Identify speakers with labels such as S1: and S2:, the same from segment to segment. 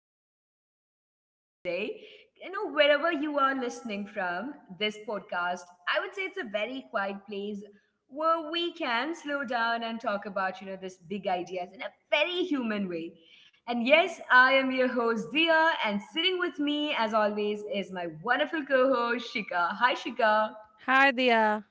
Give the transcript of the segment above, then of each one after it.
S1: glad that you're here with us today. You know, wherever you are listening from this podcast, I would say it's a very quiet place where we can slow down and talk about, you know, this big ideas in a very human way. And yes, I am your host Dia, and sitting with me, as always, is my wonderful co-host Shika. Hi, Shika.
S2: Hi, Dia.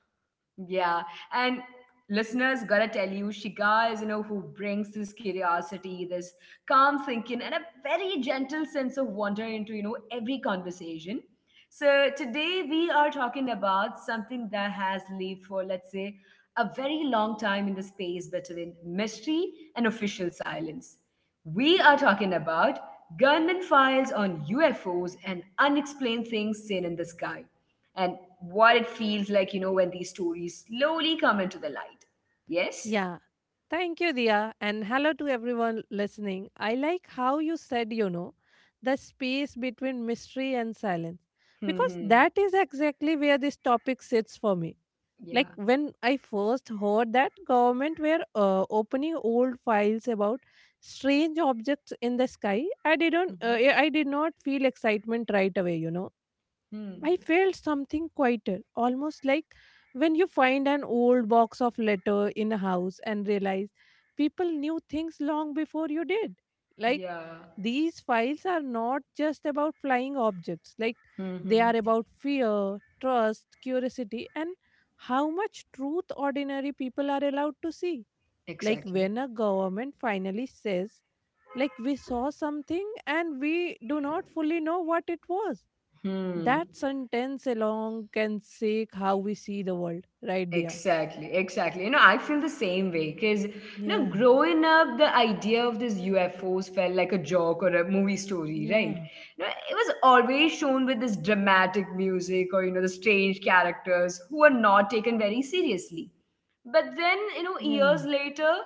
S1: Yeah, and listeners, gotta tell you, Shika is you know who brings this curiosity, this calm thinking, and a very gentle sense of wonder into you know every conversation. So today we are talking about something that has lived for let's say a very long time in the space between mystery and official silence. We are talking about government files on UFOs and unexplained things seen in the sky and what it feels like, you know, when these stories slowly come into the light. Yes?
S2: Yeah. Thank you, Dia. And hello to everyone listening. I like how you said, you know, the space between mystery and silence, because
S1: Mm-hmm.
S2: that is exactly where this topic sits for me. Like
S1: Yeah.
S2: when I first heard that government were opening old files about strange objects in the sky,
S1: Mm-hmm.
S2: I did not feel excitement right away. You know, I felt something quieter, almost like when you find an old box of letter in a house and realize people knew things long before you did. Like
S1: Yeah.
S2: these files are not just about flying objects, like they are
S1: Mm-hmm.
S2: about fear, trust, curiosity, and how much truth ordinary people are allowed to see. Like
S1: Exactly.
S2: when a government finally says, like we saw something and we do not fully know what it was,
S1: Hmm.
S2: that sentence alone can shake how we see the world, right there.
S1: Exactly, exactly. You know, I feel the same way because, you know,
S2: Yeah,
S1: growing up, the idea of this UFOs felt like a joke or a movie story, right?
S2: yeah,
S1: You know, it was always shown with this dramatic music or, you know, the strange characters who are not taken very seriously. But then, you know,
S2: yeah,
S1: years later,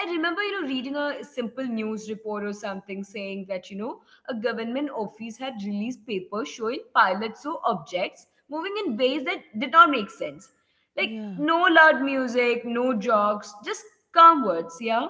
S1: I remember, you know, reading a simple news report or something saying that, you know, a government office had released papers showing pilots saw objects moving in ways that did not make sense like,
S2: yeah,
S1: no loud music, no jokes, just calm words, yeah?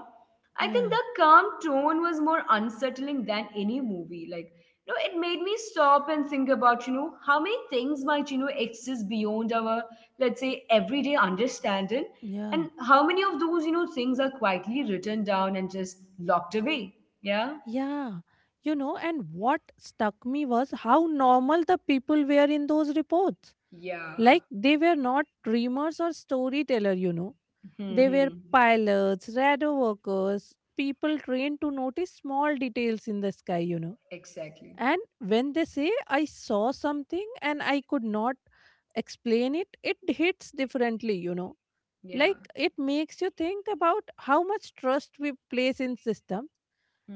S1: I think
S2: yeah,
S1: the calm tone was more unsettling than any movie. Like, you know, it made me stop and think about, you know, how many things might, you know, exist beyond our, let's say, everyday understanding,
S2: yeah.
S1: and how many of those, you know, things are quietly written down and just locked away, yeah?
S2: Yeah, you know, and what stuck me was how normal the people were in those reports.
S1: Yeah.
S2: Like they were not dreamers or storyteller, you know.
S1: Hmm.
S2: They were
S1: Hmm.
S2: pilots, radar workers, people trained to notice small details in the sky, you know.
S1: Exactly.
S2: And when they say, I saw something and I could not explain it, it hits differently, you know.
S1: Yeah.
S2: Like it makes you think about how much trust we place in systems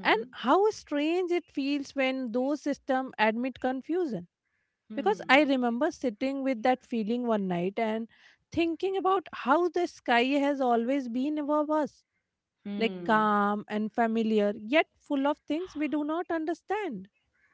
S2: and how strange it feels when those systems admit confusion. Because
S1: Hmm.
S2: I remember sitting with that feeling one night and thinking about how the sky has always been above us, like
S1: Hmm.
S2: calm and familiar, yet full of things we do not understand.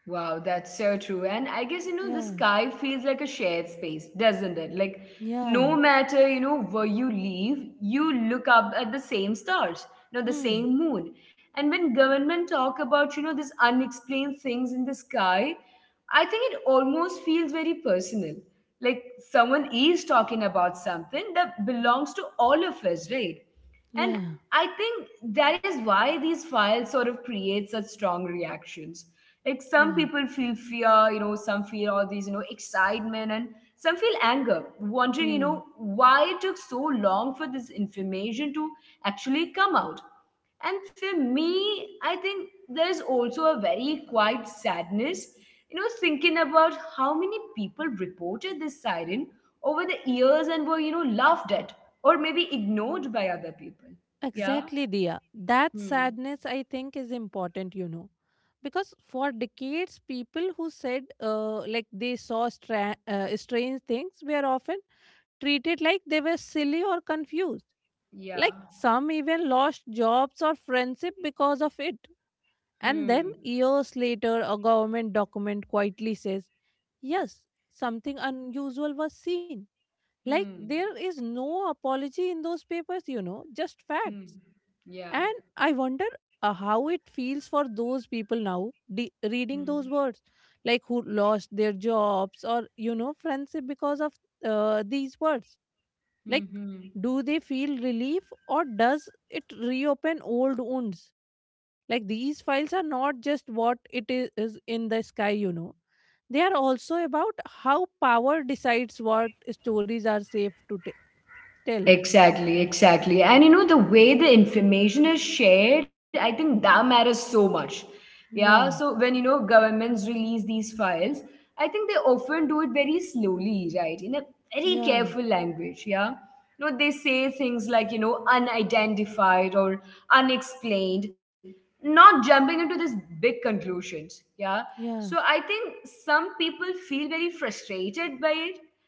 S1: Wow, that's so true. And I guess, you know, the
S2: Yeah,
S1: sky feels like a shared space, doesn't it? Like, no
S2: yeah.
S1: matter, you know, where you live, you look up at the same stars, you know, the
S2: Hmm.
S1: same moon. And when government talk about, you know, these unexplained things in the sky, I think it almost feels very personal. Like someone is talking about something that belongs to all of us, right? And
S2: Yeah.
S1: I think that is why these files sort of create such strong reactions. Like some
S2: Yeah.
S1: people feel fear, you know, some feel all these, you know, excitement, and some feel anger, wondering, you
S2: Hmm.
S1: know, why it took so long for this information to actually come out. And for me, I think there's also a very quiet sadness, you know, thinking about how many people reported this siren over the years and were, you know, laughed at or maybe ignored by other people. Yeah.
S2: Exactly, Dia. That
S1: Hmm.
S2: sadness, I think, is important, you know. Because for decades, people who said like they saw strange things were often treated like they were silly or confused.
S1: Yeah.
S2: Like some even lost jobs or friendship because of it. And
S1: Hmm.
S2: then years later, a government document quietly says, yes, something unusual was seen. Like,
S1: Hmm.
S2: there is no apology in those papers, you know, just facts.
S1: Hmm. Yeah.
S2: And I wonder how it feels for those people now reading
S1: Hmm.
S2: those words, like who lost their jobs or, you know, friendship because of these words.
S1: Hmm.
S2: Like,
S1: Hmm.
S2: do they feel relief or does it reopen old wounds? Like these files are not just what it is, in the sky, you know. They are also about how power decides what stories are safe to tell.
S1: Exactly, exactly. And you know, the way the information is shared, I think that matters so much. Yeah, so
S2: Yeah,
S1: when you know governments release these files, I think they often do it very slowly, right? In a very
S2: yeah,
S1: careful language, yeah. You know, they say things like, you know, unidentified or unexplained, not jumping into this big conclusions, yeah.
S2: yeah,
S1: So I think some people feel very frustrated by it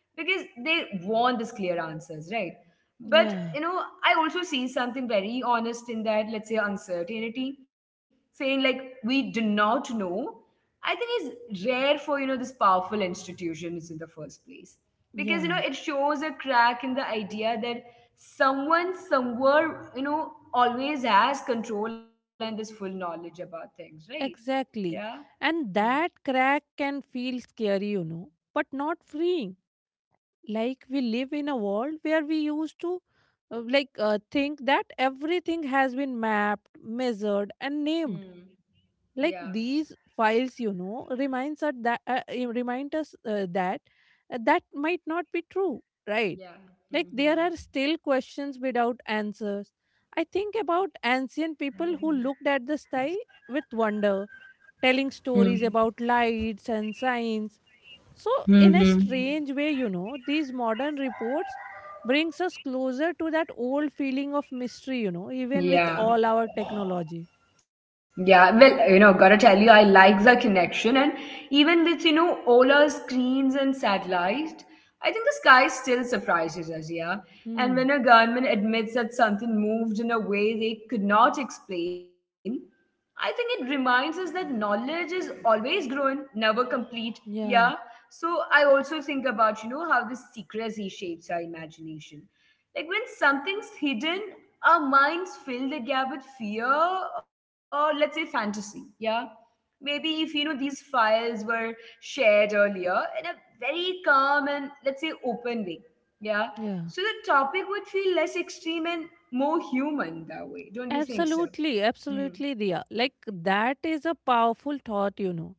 S1: because they want this clear answers, right?
S2: yeah,
S1: But you know, I also see something very honest in that, let's say uncertainty, saying like we do not know. I think is rare for you know this powerful institutions in the first place. Because you know
S2: yeah.
S1: it shows a crack in the idea that someone somewhere, you know, always has control and this full knowledge about things, right? Yeah.
S2: Exactly.
S1: Hmm.
S2: And that crack can feel scary, you know, but not freeing. Like we live in a world where we used to think that everything has been mapped, measured and
S1: Hmm.
S2: named,
S1: Yeah.
S2: like these files, you know, remind us that that might not be true, right?
S1: Yeah.
S2: Like
S1: Hmm.
S2: there
S1: Hmm.
S2: are still questions without answers. I think about ancient people who looked at the sky with wonder, telling
S1: Hmm.
S2: stories about lights and signs. So
S1: Hmm.
S2: in
S1: Hmm.
S2: a strange way, you know, these modern reports brings us closer to that old feeling of mystery, you know, even with all
S1: Yeah.
S2: our technology.
S1: Yeah, well, you know, gotta tell you, I like the connection, and even with you know Ola screens and satellites, I think the sky still surprises us. Yeah, and
S2: hmm
S1: when a government admits that something moved in a way they could not explain, I think it reminds us that knowledge is always growing, never complete. Yeah,
S2: yeah
S1: so I also think about you know how this secrecy shapes our imagination like when something's hidden, our minds fill the gap with fear or let's say fantasy. Yeah. Maybe if you know these files were shared earlier in a very calm and let's say open way. Yeah.
S2: yeah
S1: So the topic would feel less extreme and more human that way. Don't you think so?
S2: Absolutely,
S1: Hmm.
S2: absolutely, Diya. Like, that is a powerful thought, you know.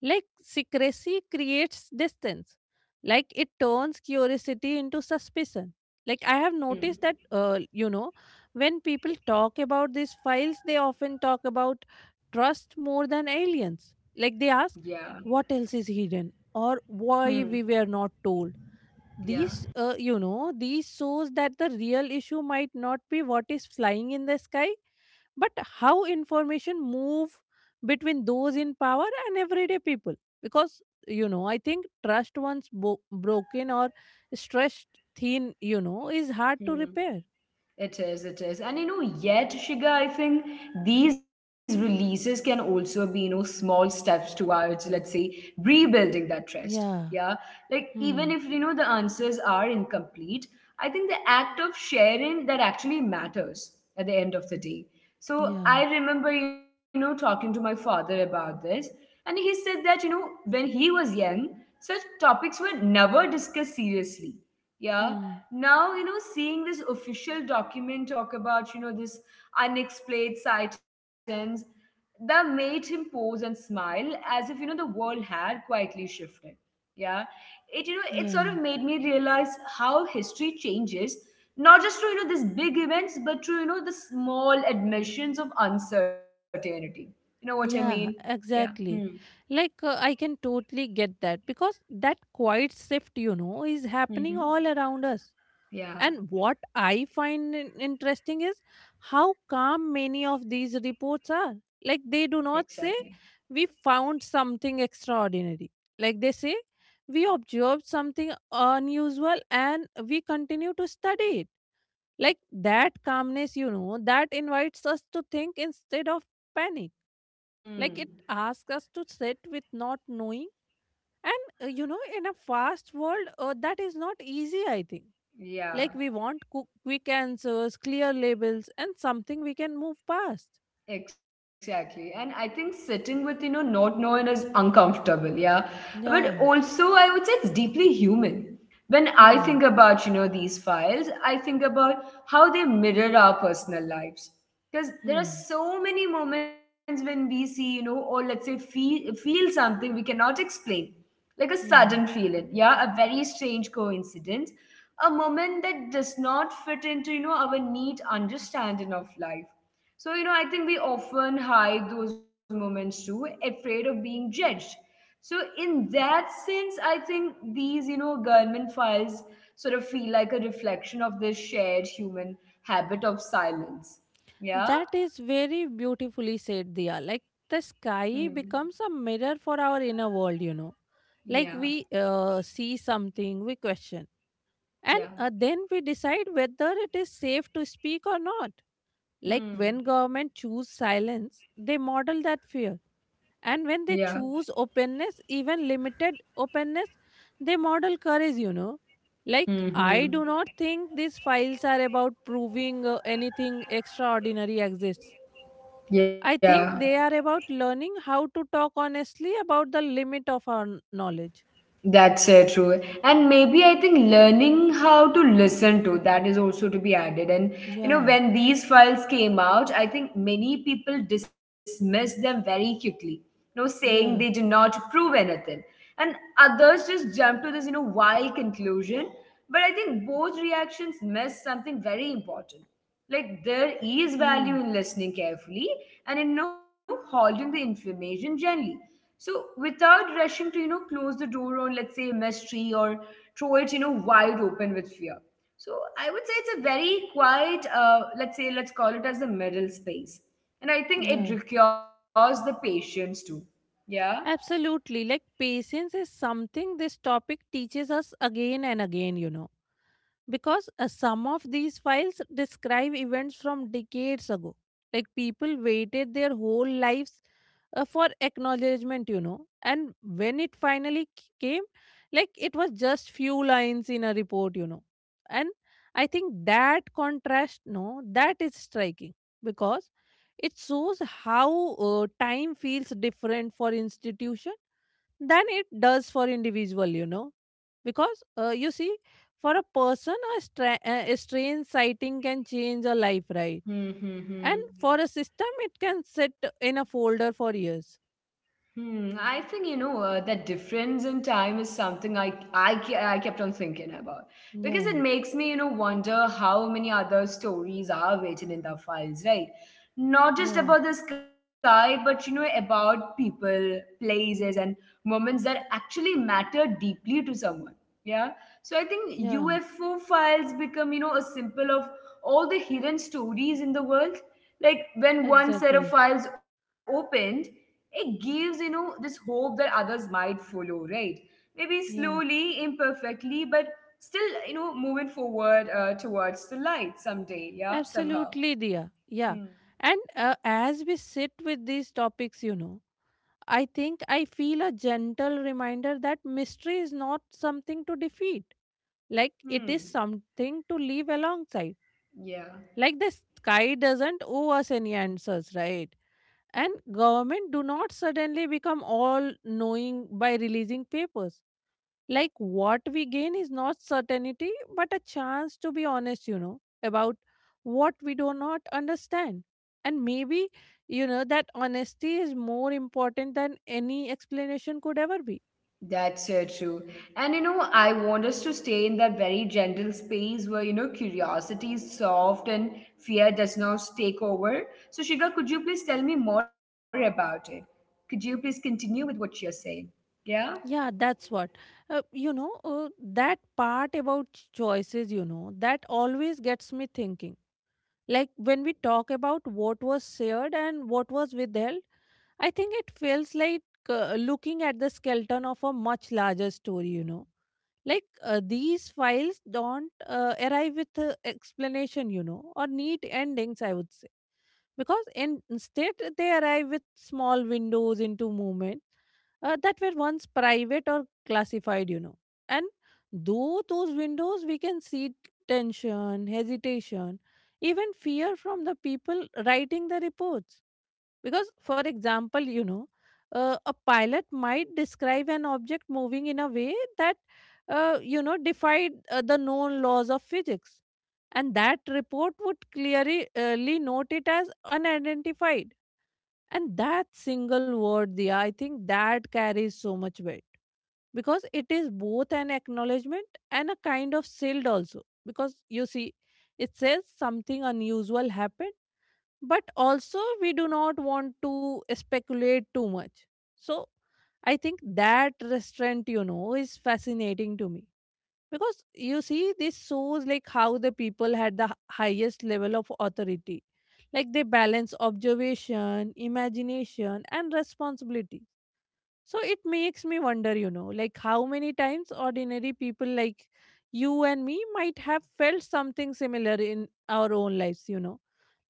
S2: Like, secrecy creates distance. Like, it turns curiosity into suspicion. Like, I have
S1: Hmm.
S2: noticed that, you know, when people talk about these files, they often talk about trust more than aliens. Like, they
S1: Yeah.
S2: ask, what else is hidden or
S1: Hmm.
S2: why we were not told.
S1: Yeah.
S2: These, you know, these shows that the real issue might not be what is flying in the sky but how information move between those in power and everyday people, because, you know, I think trust once broken or stressed thin, you know, is hard to
S1: Hmm.
S2: repair.
S1: It is, it is. And you know, yet, Shiga, I think these releases can also be, you know, small steps towards, let's say, rebuilding that trust.
S2: yeah
S1: Yeah. Like, even
S2: hmm
S1: if, you know, the answers are incomplete, I think the act of sharing that actually matters at the end of the day. So
S2: yeah
S1: I remember, you know, talking to my father about this, and he said that, you know, when he was young, such topics were never discussed seriously. Yeah,
S2: hmm
S1: now you know seeing this official document talk about you know this unexplained sightings, that made him pause and smile as if you know the world had quietly shifted. Yeah, it you know it sort of
S2: yeah
S1: made me realize how history changes, not just through you know these big events but through you know the small admissions of uncertainty. You know what I mean?
S2: yeah
S1: Yeah. Hmm.
S2: exactly. Like I can totally get that because that quiet shift, you know, is happening
S1: Hmm.
S2: all around us.
S1: Yeah.
S2: And what I find interesting is how calm many of these reports are. Like they do
S1: Exactly.
S2: not say, we found something extraordinary. Like they say, we observed something unusual and we continue to study it. Like that calmness, you know, that invites us to think instead of panic.
S1: Hmm.
S2: Like it asks us to sit with not knowing. And, you know, in a fast world, that is not easy, I think.
S1: Yeah.
S2: Like we want quick answers, clear labels, and something we can move past.
S1: Exactly. And I think sitting with, you know, not knowing is uncomfortable. Yeah. But
S2: Yeah.
S1: also, I would say it's deeply human. When I
S2: Hmm.
S1: think about, you know, these files, I think about how they mirror our personal lives. Because there are
S2: Hmm.
S1: so many moments when we see, you know, or let's say feel something we cannot explain, like a sudden
S2: Hmm.
S1: feeling. Yeah. A very strange coincidence. A moment that does not fit into, you know, our neat understanding of life. So, you know, I think we often hide those moments too, afraid of being judged. So, in that sense, I think these, you know, government files sort of feel like a reflection of this shared human habit of silence. Yeah?
S2: That is very beautifully said, Dia. Like the
S1: Hmm.
S2: sky becomes a mirror for our inner world, you know.
S1: Yeah.
S2: Like we see something, we question, and
S1: Yeah.
S2: then we decide whether it is safe to speak or not. Like
S1: Hmm.
S2: when government choose silence, they model that fear, and
S1: Yeah.
S2: when they choose openness, even limited openness, they model courage, you know.
S1: Hmm.
S2: Like I do
S1: Hmm.
S2: not think these files are about proving anything extraordinary exists.
S1: Yeah.
S2: I think they are about learning how to talk honestly about the limit of our knowledge.
S1: That's true. And maybe I think learning how to listen to that is also to be added. And you know,
S2: Yeah,
S1: when these files came out, I think many people dismissed them very quickly, you know, saying they do
S2: yeah,
S1: not prove anything. And others just jumped to this, you know, wild conclusion. But I think both reactions miss something very important. Like there is
S2: hmm
S1: value in listening carefully and in you know, holding the information gently. So without rushing to you know close the door on let's say a mystery or throw it you know wide open with fear. So I would say it's a very quiet let's say let's call it as the middle space, and I think it
S2: yeah,
S1: requires the patience too. Yeah.
S2: Absolutely. Like patience is something this topic teaches us again and again, you know, because some of these files describe events from decades ago. Like people waited their whole lives for acknowledgement, you know, and when it finally came, like it was just few lines in a report, you know. And I think that contrast, no, that is striking, because it shows how time feels different for institution than it does for individual, you know. Because you see, for a person, a, a strange sighting can change a life, right?
S1: Hmm. Hmm,
S2: And
S1: hmm.
S2: for a system, it can sit in a folder for years.
S1: Hmm, I think you know that difference in time is something I kept on thinking about because it
S2: Yeah,
S1: makes me you know wonder how many other stories are written in the files, right? Not just
S2: yeah,
S1: about the sky, but you know about people, places, and moments that actually matter deeply to someone. Yeah, so I think
S2: yeah,
S1: UFO files become you know a symbol of all the hidden stories in the world. Like when one set of
S2: exactly.
S1: files opened, it gives you know this hope that others might follow, right? Maybe
S2: Yeah,
S1: slowly, imperfectly, but still you know moving forward towards the light someday, yeah, somehow.
S2: absolutely, dear. Yeah.
S1: Hmm.
S2: And as we sit with these topics, you know, I think I feel a gentle reminder that mystery is not something to defeat. Like it
S1: Hmm.
S2: is something to live alongside.
S1: Yeah,
S2: Like the sky doesn't owe us any answers, right? And government do not suddenly become all knowing by releasing papers. Like what we gain is not certainty but a chance to be honest, you know, about what we do not understand. And maybe, you know, that honesty is more important than any explanation could ever be.
S1: that's so true. And you know I want us to stay in that very gentle space where you know curiosity is soft and fear does not take over. So Shiga, could you please tell me more about it? Could you please continue with what you're saying? Yeah.
S2: Yeah that's what, you know, that part about choices, you know, that always gets me thinking. Like when we talk about what was shared and what was withheld, I think it feels like looking at the skeleton of a much larger story, you know. Like these files don't arrive with explanation, you know, or neat endings, I would say. Because in, instead, they arrive with small windows into movement that were once private or classified, you know. And through those windows, we can see tension, hesitation, even fear from the people writing the reports, because, for example, you know, a pilot might describe an object moving in a way that, you know, defied the known laws of physics. And that report would clearly ly note it as unidentified. And that single word, Dia, I think that carries so much weight because it is both an acknowledgement and a kind of shield also. Because you see, it says something unusual happened but also we do not want to speculate too much. So I think that restraint, you know, is fascinating to me because you see this shows like how the people had the highest level of authority. Like they balance observation, imagination and responsibility. So it makes me wonder, you know, like how many times ordinary people like you and me might have felt something similar in our own lives, you know,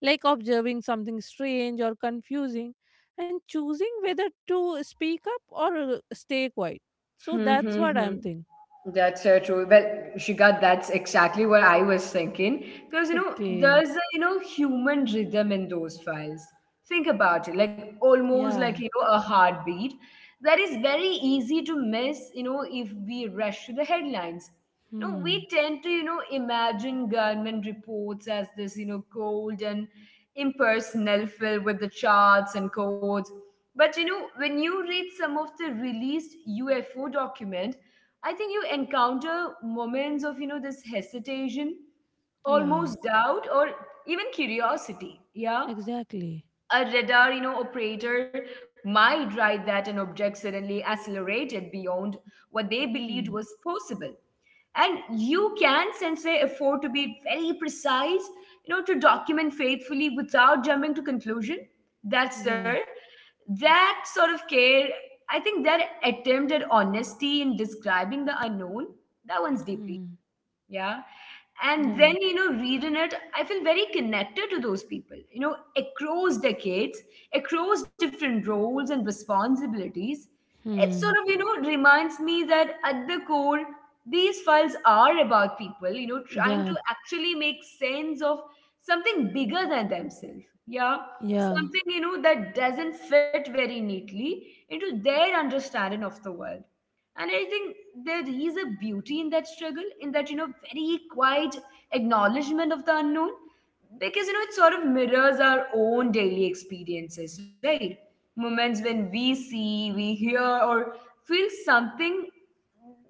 S2: like observing something strange or confusing and choosing whether to speak up or stay quiet. So
S1: Hmm.
S2: that's
S1: Hmm.
S2: what
S1: Hmm.
S2: I'm thinking.
S1: That's so true. Well, Shika, that's exactly what I was thinking. Because, you know,
S2: Okay.
S1: there's a, you know, human rhythm in those files. Think about it, like almost like,
S2: Yeah.
S1: you know, a heartbeat that is very easy to miss, you know, if we rush to the headlines. No,
S2: Hmm.
S1: we tend to, you know, imagine government reports as this, you know, cold and impersonal, filled with the charts and codes. But, you know, when you read some of the released UFO document, I think you encounter moments of, you know, this hesitation,
S2: Yeah.
S1: almost doubt, or even curiosity. Yeah.
S2: Exactly.
S1: A radar, you know, operator might write that an object suddenly accelerated beyond what they believed
S2: Hmm.
S1: was possible. And you can, since they afford to be very precise, you know, to document faithfully without jumping to conclusion. That's
S2: Yeah.
S1: there. That sort of care, I think that attempt at honesty in describing the unknown, that one's deeply
S2: Hmm.
S1: yeah and then
S2: Yeah.
S1: reading it, I feel very connected to those people, across decades, across different roles and responsibilities. It sort
S2: Hmm.
S1: of reminds me that at the core, these files are about people trying to
S2: Yeah.
S1: actually make sense of something bigger than themselves yeah
S2: Yeah.
S1: Something that doesn't fit very neatly into their understanding of the world. And I think there is a beauty in that struggle, in that, very quiet acknowledgement of the unknown, because, it sort of mirrors our own daily experiences, right? Moments when we see, we hear, or feel something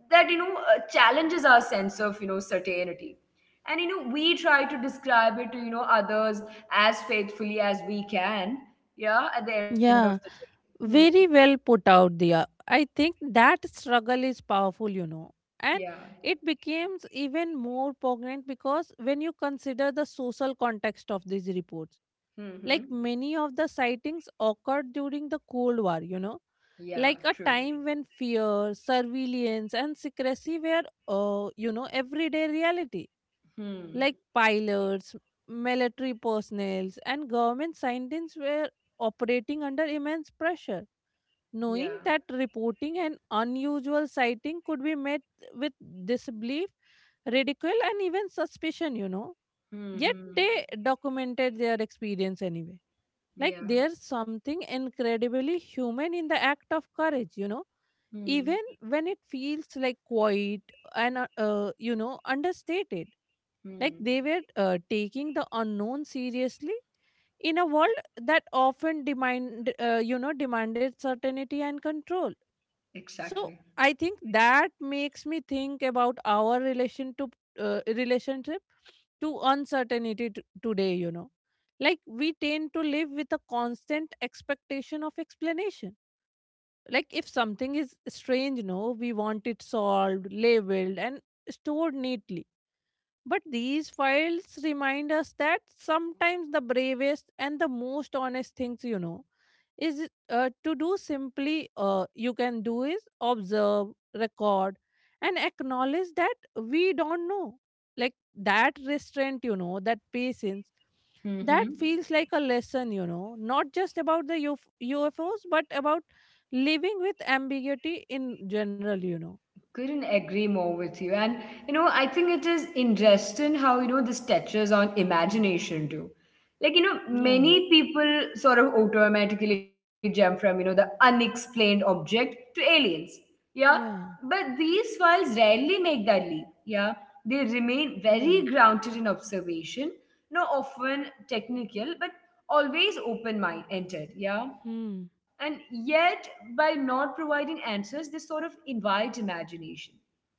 S1: that, challenges our sense of, certainty. And, we try to describe it to, others as faithfully as we can, yeah, at the end of the
S2: Yeah.
S1: day. Hmm.
S2: Very well put out there. I think that struggle is powerful, you know, and
S1: Yeah.
S2: it becomes even more poignant because when you consider the social context of these reports, like
S1: Mm-hmm.
S2: many of the sightings occurred during the Cold War, you know,
S1: Yeah,
S2: like
S1: true.
S2: a time when fear, surveillance and secrecy were you know, everyday reality.
S1: Hmm.
S2: Like pilots, military personnel, and government scientists were operating under immense pressure,
S1: Yeah.
S2: knowing that reporting an unusual sighting could be met with disbelief, ridicule, and even suspicion, you know.
S1: Hmm.
S2: Yet
S1: Hmm.
S2: they documented their experience anyway. Like
S1: Yeah.
S2: there's something incredibly human in the act of courage, you know,
S1: Hmm.
S2: even when it feels like quiet and you know, understated. Like
S1: Hmm.
S2: they were taking the unknown seriously in a world that often demand you know, demanded certainty and control.
S1: Exactly.
S2: So I think that makes me think about our relationship to uncertainty today. You know, like we tend to live with a constant expectation of explanation. Like if something is strange, no, we want it solved, labeled, and stored neatly, but these files remind us that sometimes the bravest and the most honest things is to do simply you can do is observe, record, and acknowledge that we don't know. Like that restraint, you know, that patience,
S1: Hmm.
S2: that
S1: Hmm.
S2: feels like a lesson, not just about the UFOs, but about living with ambiguity in general.
S1: Couldn't agree more with you. And, I think it is interesting how, this touches on imagination too. Like,
S2: Yeah,
S1: many people sort of automatically jump from, the unexplained object to aliens. Yeah.
S2: yeah,
S1: But these files rarely make that leap. Yeah. They remain very
S2: yeah.
S1: grounded in observation, no often technical, but always open mind entered. Yeah.
S2: Hmm.
S1: And yet, by not providing answers, they sort of invite imagination.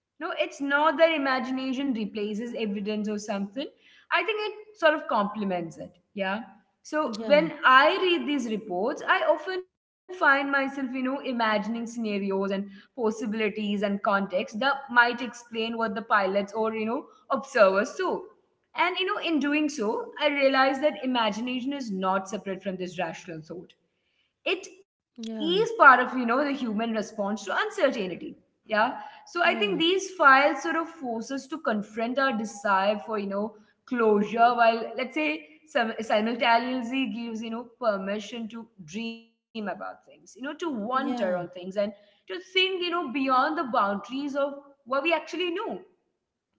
S1: No, it's not that imagination replaces evidence or something. I think it sort of complements it. Yeah. So
S2: Yeah.
S1: when I read these reports, I often find myself, imagining scenarios and possibilities and context that might explain what the pilots or, observers saw. And, in doing so, I realize that imagination is not separate from this rational thought. It
S2: Yeah,
S1: is part of the human response to uncertainty. Yeah. So I
S2: yeah,
S1: think these files sort of force us to confront our desire for closure, while let's say some simultaneously gives permission to dream about things, to wonder on things,
S2: yeah,
S1: and to think beyond the boundaries of what we actually know.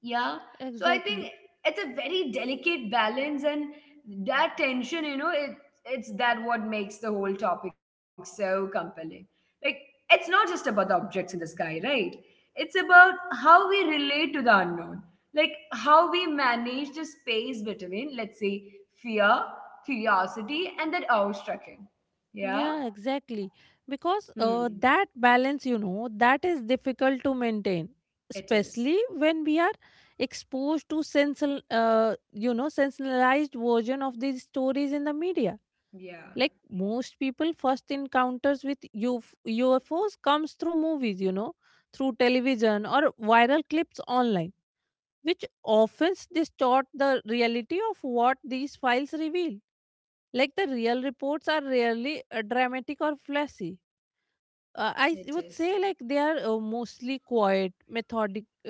S1: Yeah. So I think
S2: exactly.
S1: it's a very delicate balance, and that tension, it's that what makes the whole topic so compelling. Like, it's not just about the objects in the sky, right? It's about how we relate to the unknown. Like, how we manage the space between, let's say, fear, curiosity, and that awestrucking. Yeah.
S2: Yeah, exactly. Because
S1: Hmm.
S2: uh, that balance, that is difficult to maintain,
S1: It is,
S2: especially when we are exposed to you know, sensationalized version of these stories in the media.
S1: yeah,
S2: Like most people, first encounters with U F O's comes through movies, you know, through television or viral clips online, which often distort the reality of what these files reveal. Like the real reports are rarely dramatic or flashy. I
S1: it
S2: would
S1: is.
S2: say like they are mostly quiet, methodical,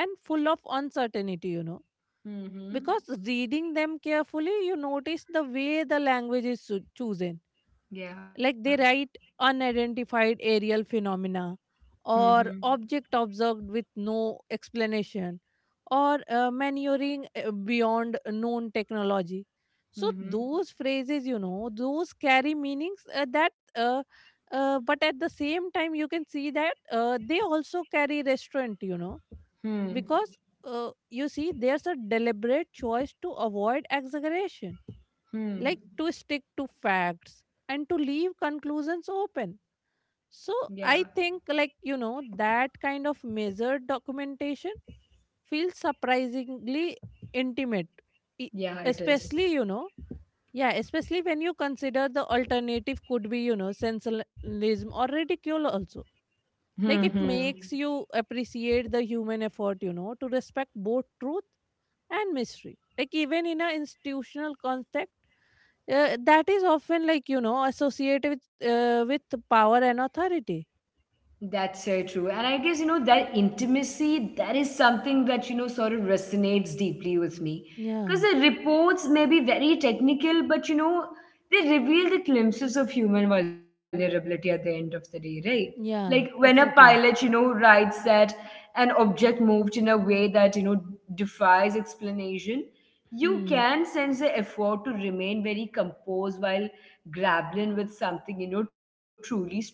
S2: and full of uncertainty.
S1: Mm-hmm.
S2: Because reading them carefully, you notice the way the language is chosen.
S1: Yeah.
S2: Like they write unidentified aerial phenomena or
S1: Mm-hmm.
S2: object observed with no explanation, or maneuvering beyond known technology. So
S1: Mm-hmm.
S2: those phrases, you know, those carry meanings that but at the same time you can see that they also carry restraint, you know,
S1: Hmm.
S2: because you see there's a deliberate choice to avoid exaggeration,
S1: Hmm.
S2: like to stick to facts and to leave conclusions open.
S1: Yeah.
S2: So I think, like, you know, that kind of measured documentation feels surprisingly intimate. E-
S1: Yeah, it is.
S2: Especially, you know, yeah, especially when you consider the alternative could be, you know, sensationalism or ridicule also.
S1: Hmm.
S2: Like it
S1: Hmm.
S2: makes you appreciate the human effort, you know, to respect both truth and mystery, like even in an institutional context that is often, like, you know, associated with power and authority.
S1: That's so true. And I guess, that intimacy, that is something that, sort of resonates deeply with me. Because
S2: Yeah.
S1: the reports may be very technical, but, they reveal the glimpses of human vulnerability at the end of the day, right? Like when
S2: Yeah.
S1: a pilot,
S2: Exactly.
S1: writes that an object moved in a way that, defies explanation, you
S2: Hmm.
S1: can sense the effort to remain very composed while grappling with something, truly strange.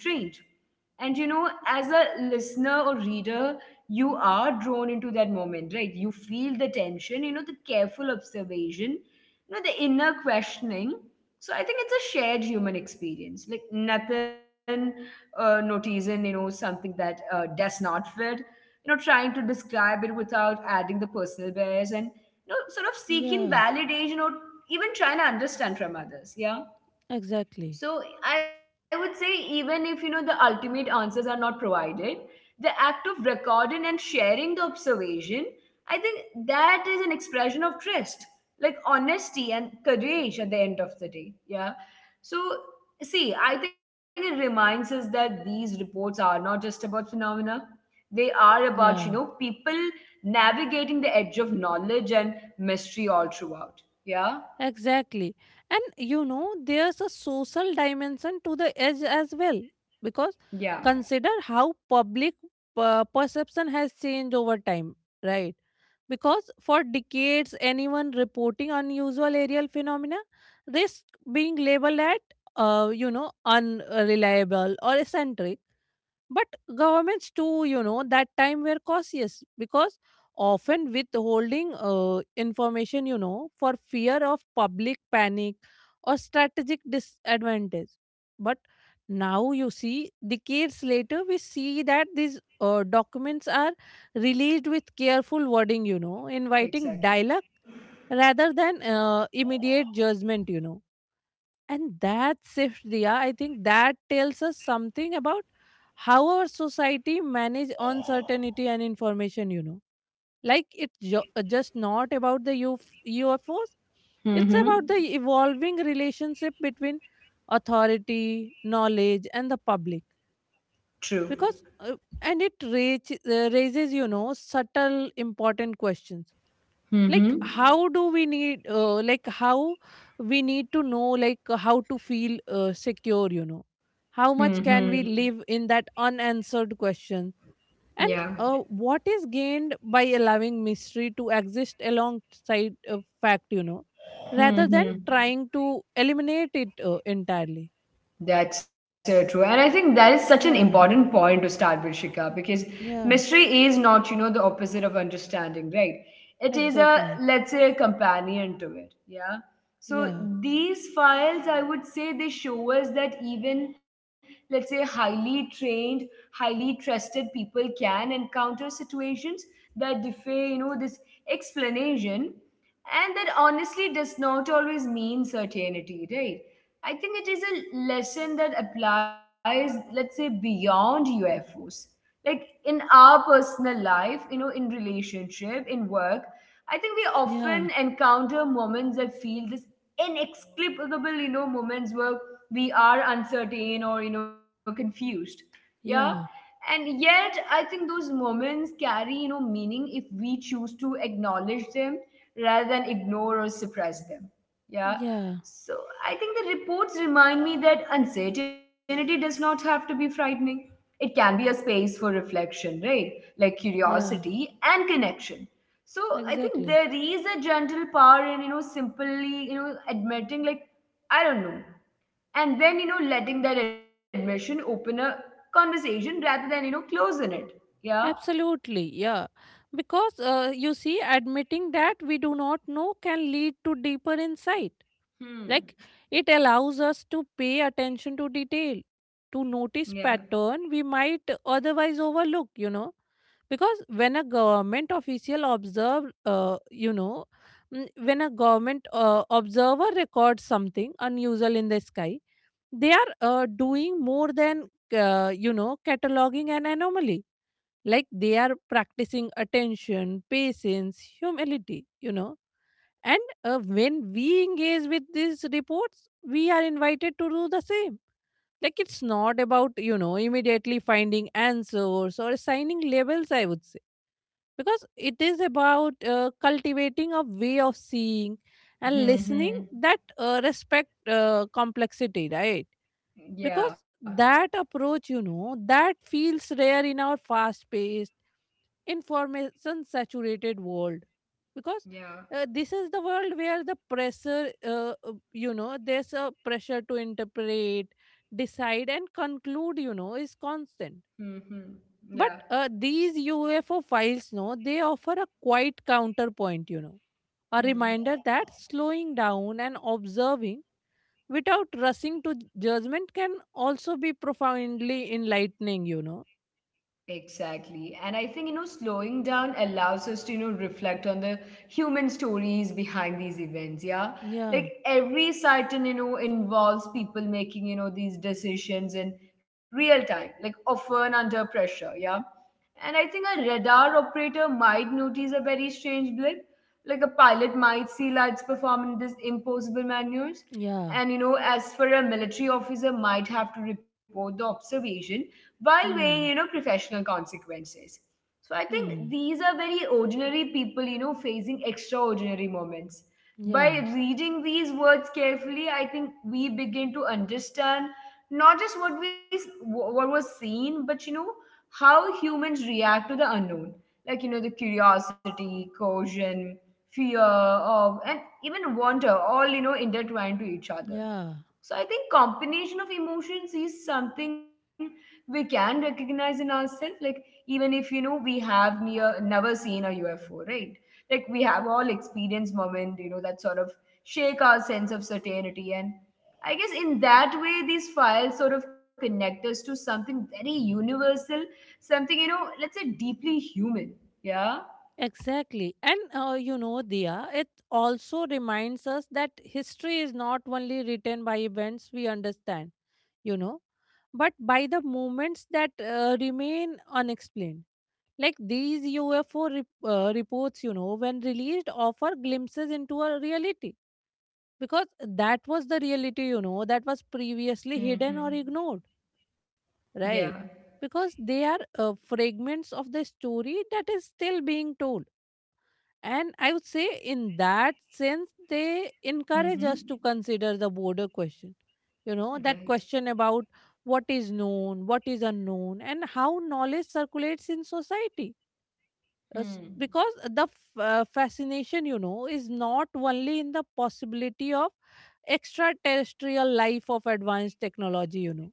S1: And as a listener or reader, you are drawn into that moment, right? You feel the tension, the careful observation, the inner questioning. So I think it's a shared human experience, like nothing noticing, something that does not fit, trying to describe it without adding the personal bias, and, sort of seeking
S2: Yeah.
S1: validation, or even trying to understand from others. Yeah.
S2: Exactly.
S1: So I would say, even if the ultimate answers are not provided, the act of recording and sharing the observation, I think that is an expression of trust, like honesty and courage at the end of the day. Yeah. So see, I think it reminds us that these reports are not just about phenomena. They are
S2: Yeah.
S1: about, people navigating the edge of knowledge and mystery all throughout. Yeah.
S2: Exactly. And you know, there's a social dimension to the edge as well. Because
S1: Yeah.
S2: consider how public perception has changed over time, right? Because for decades, anyone reporting unusual aerial phenomena risk being labeled at, you know, unreliable or eccentric, but governments too, you know, that time were cautious because often withholding information, you know, for fear of public panic or strategic disadvantage. But now you see, decades later, we see that these documents are released with careful wording, you know, inviting dialogue
S1: Exactly.
S2: rather than immediate judgment, you know. And that shift, Dia, I think that tells us something about how our society manage uncertainty and information. You know, like it's just not about the UFUF O's; it's about the
S1: Mm-hmm.
S2: evolving relationship between authority, knowledge, and the public.
S1: True.
S2: Because uh, and it raise, uh, raises, you know, subtle important questions, like how
S1: Mm-hmm.
S2: do we need like how we need to know, like how to feel secure, you know, how much can we
S1: Mm-hmm.
S2: live in that unanswered question, and uh,
S1: Yeah.
S2: what is gained by allowing mystery to exist alongside fact, you know, rather than
S1: Mm-hmm.
S2: trying to eliminate it entirely.
S1: That's so true. And I think that is such an
S2: Yeah,
S1: important point to start with, Shika, because
S2: yeah,
S1: mystery is not, the opposite of understanding, right? It is a,
S2: exactly,
S1: let's say, a companion to it. Yeah. So
S2: yeah,
S1: these files, I would say, they show us that even, let's say, highly trained, highly trusted people can encounter situations that defy, this explanation. And that honestly does not always mean certainty, right? I think it is a lesson that applies, let's say, beyond UFOs. Like in our personal life, in relationship, in work, I think we often
S2: yeah.
S1: encounter moments that feel this inexplicable, moments where we are uncertain or, confused. Yeah.
S2: Yeah,
S1: And yet, I think those moments carry, meaning if we choose to acknowledge them rather than ignore or suppress them. Yeah.
S2: yeah,
S1: So I think the reports remind me that uncertainty does not have to be frightening. It can be a space for reflection, right? Like
S2: yeah,
S1: curiosity and connection. So I think
S2: exactly.
S1: there is a gentle power in, simply, admitting like, I don't know. And then, letting that admission open a conversation rather than, closing it. Yeah?
S2: Absolutely, yeah. Because you see, admitting that we do not know can lead to deeper insight.
S1: Hmm.
S2: Like, it allows us to pay attention to detail, to
S1: Yeah.
S2: notice pattern we might otherwise overlook, you know. Because when a government official observe, you know, mm, when a government observer records something unusual in the sky, they are doing more than you know, cataloging an anomaly. Like they are practicing attention, patience, humility, you know. And when we engage with these reports we are invited to do the same. Like it's not about, you know, immediately finding answers or assigning labels, I would say, because it is about cultivating a way of seeing and
S1: Hmm.
S2: listening
S1: Hmm.
S2: that respect complexity, right?
S1: Yeah.
S2: Because that approach, you know, that feels rare in our fast paced, information saturated world, because
S1: Yeah.
S2: this is the world where the pressure, you know, there's a pressure to interpret, decide and conclude, you know, is constant.
S1: Hmm. Hmm. Yeah.
S2: But these UFO files, no, they offer a quite counterpoint, you know, a reminder
S1: Hmm.
S2: that slowing down and observing without rushing to judgment can also be profoundly enlightening, you know.
S1: Exactly. And I think, slowing down allows us to, reflect on the human stories behind these events. Yeah.
S2: Yeah,
S1: Like every sighting, involves people making, these decisions in real time, like often under pressure. Yeah. And I think a radar operator might notice a very strange blip. Like a pilot might see lights performing these impossible maneuvers.
S2: yeah,
S1: And as for a military officer might have to report the observation, while weighing,
S2: hmm,
S1: professional consequences. So I think
S2: hmm,
S1: these are very ordinary people, facing extraordinary moments. By
S2: yeah,
S1: reading these words carefully, I think we begin to understand not just what was seen, but how humans react to the unknown, like the curiosity, caution, fear, of, and even wonder, all intertwined to each other.
S2: yeah.
S1: So I think combination of emotions is something we can recognize in ourselves, like even if we have near never seen a UFO, right? Like we have all experience moment, that sort of shake our sense of certainty. And I guess in that way, these files sort of connect us to something very universal, something let's say deeply human. Yeah.
S2: Exactly. And you know, Dia, it also reminds us that history is not only written by events we understand, you know, but by the moments that remain unexplained. Like these UFO reports, you know, when released, offer glimpses into a reality, because that was the reality, you know, that was previously hidden or
S1: Hmm.
S2: ignored,
S1: Yeah.
S2: right? Because they are fragments of the story that is still being told. And I would say, in that sense, they encourage
S1: Hmm.
S2: us to consider the border question, you know, that
S1: Right.
S2: question about what is known, what is unknown, and how knowledge circulates in society. us-
S1: Hmm.
S2: because the f- uh, fascination, you know, is not only in the possibility of extraterrestrial life of advanced technology, you know,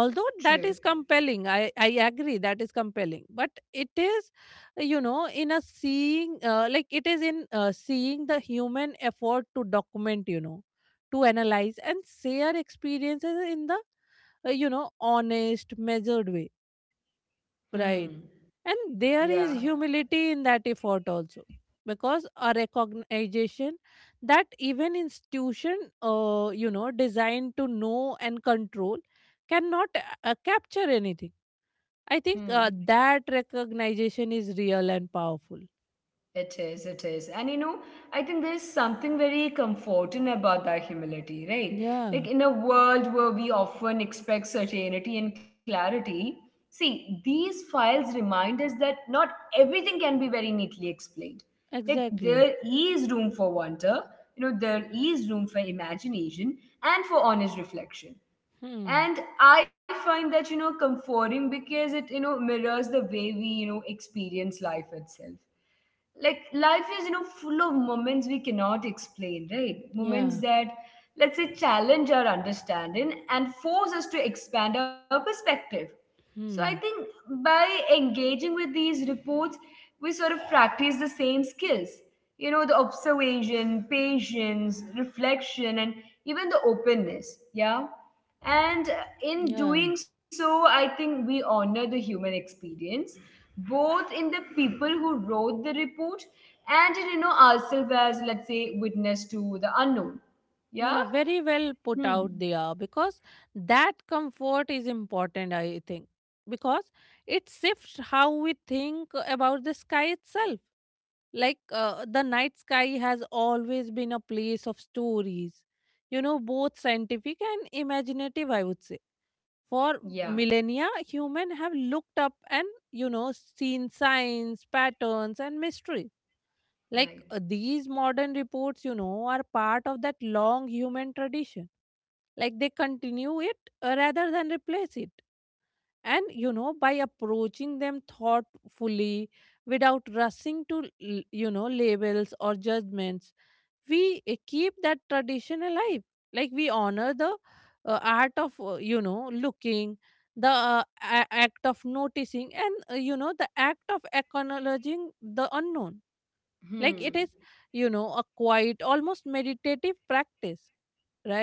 S2: although
S1: True.
S2: that is compelling. I agree, that is compelling, but it is, you know, in a seeing, like it is in seeing the human effort to document, you know, to analyze and share experiences in the you know, honest, measured way.
S1: Hmm.
S2: Right. And there
S1: Yeah.
S2: is humility in that effort also. Because a recognition that even institution, you know, designed to know and control cannot capture anything. I think
S1: Hmm.
S2: uh, that recognition is real and powerful.
S1: It is, it is. And I think there's something very comforting about that humility, right?
S2: Yeah,
S1: Like in a world where we often expect certainty and clarity, see, these files remind us that not everything can be very neatly explained. Like there
S2: exactly.
S1: is room for wonder, there is room for imagination and for honest reflection.
S2: Hmm.
S1: And I find that, comforting because it, mirrors the way we, experience life itself. Like life is full of moments we cannot explain, right? Moments
S2: Yeah.
S1: that, let's say, challenge our understanding and force us to expand our perspective. So I
S2: Hmm.
S1: think by engaging with these reports, we sort of practice the same skills, the observation, patience, reflection, and even the openness. Yeah. And in
S2: Yeah.
S1: doing so, I think we honor the human experience, both in the people who wrote the report, and in ourselves as, let's say, witness to the unknown. Yeah.
S2: Yeah, very well put out
S1: Hmm.
S2: they are, because that comfort is important, I think, because it shifts how we think about the sky itself. Like the night sky has always been a place of stories, you know, both scientific and imaginative, I would say. For
S1: Yeah.
S2: millennia, humans have looked up and, you know, seen signs, patterns, and mysteries. like
S1: Right.
S2: uh, these modern reports, you know, are part of that long human tradition. Like they continue it, rather than replace it. And, you know, by approaching them thoughtfully, without rushing to, you know, labels or judgments, we keep that tradition alive. Like we honor the art of, you know, looking, the act of noticing, and, you know, the act of acknowledging the unknown.
S1: Hmm.
S2: Like it is, you know, a quiet, almost meditative practice,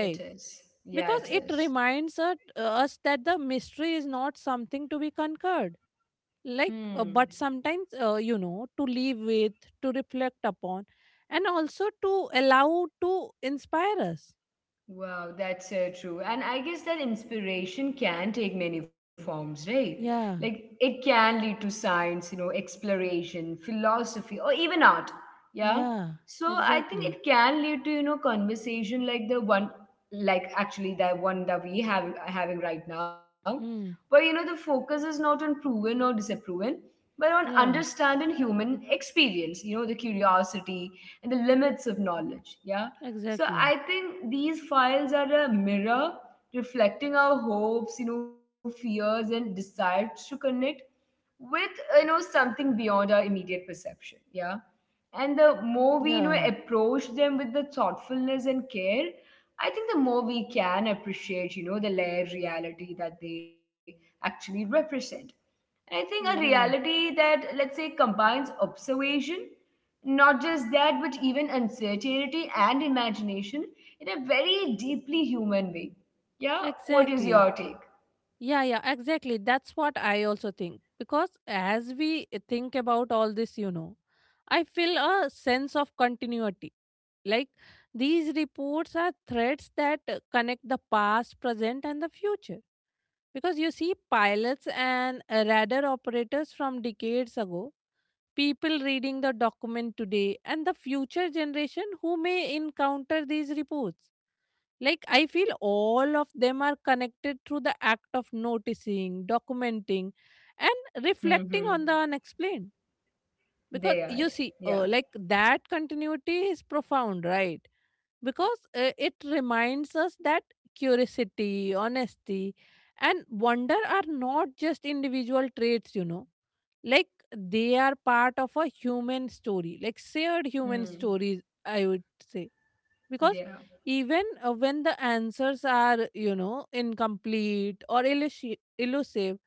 S1: It is, yeah,
S2: Because
S1: it
S2: it
S1: is.
S2: reminds us that the mystery is not something to be conquered. like
S1: Hmm.
S2: uh, but sometimes, you know, to live with, to reflect upon, and also to allow to inspire us.
S1: Wow, that's so true. And I guess that inspiration can take many forms, right? Like
S2: Yeah,
S1: it can lead to science, exploration, philosophy, or even art. Yeah.
S2: yeah,
S1: So I think it
S2: exactly,
S1: can lead to, conversation like the one, like actually the one that we have having right now, where
S2: hmm,
S1: the focus is not on proven or disapproving, but on
S2: yeah,
S1: understanding human experience, the curiosity and the limits of knowledge. Yeah. So I
S2: exactly,
S1: think these files are a mirror, reflecting our hopes, fears and desires to connect with something beyond our immediate perception. Yeah. And the more we
S2: yeah,
S1: approach them with the thoughtfulness and care, I think the more we can appreciate, the layered reality that they actually represent. And I think a
S2: yeah,
S1: reality that, let's say, combines observation, not just that, but even uncertainty and imagination in a very deeply human way. Yeah, what is
S2: exactly.
S1: your take?
S2: Yeah, yeah, exactly. That's what I also think. Because as we think about all this, you know, I feel a sense of continuity. Like these reports are threads that connect the past, present, and the future. Because you see, pilots and radar operators from decades ago, people reading the document today, and the future generation who may encounter these reports. Like, I feel all of them are connected through the act of noticing,
S1: They
S2: documenting,
S1: are.
S2: and
S1: Mm-hmm.
S2: reflecting on the unexplained.
S1: They are.
S2: Because you
S1: Yeah.
S2: see, like that continuity is profound, right? Because it reminds us that curiosity, honesty, and wonder are not just individual traits, you know. Like they are part of a human story, like shared human
S1: Hmm.
S2: stories, I would say, because
S1: Yeah.
S2: even when the answers are, you know, incomplete or elusive,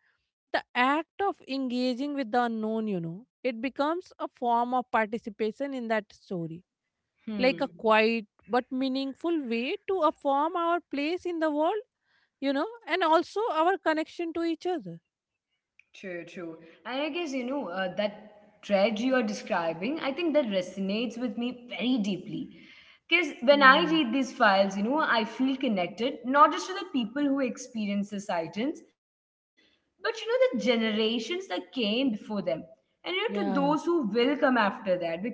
S2: the act of engaging with the unknown, you know, it becomes a form of participation in that story, like
S1: Hmm.
S2: a quiet but meaningful way to affirm our place in the world, you know, and also our connection to each other.
S1: True, true. And I guess, that tragedy you're describing, I think that resonates with me very deeply. Because when I read
S2: Hmm,
S1: these files, I feel connected not just to the people who experienced the sightings, but the generations that came before them, and to those who
S2: yeah,
S1: will come after that. Because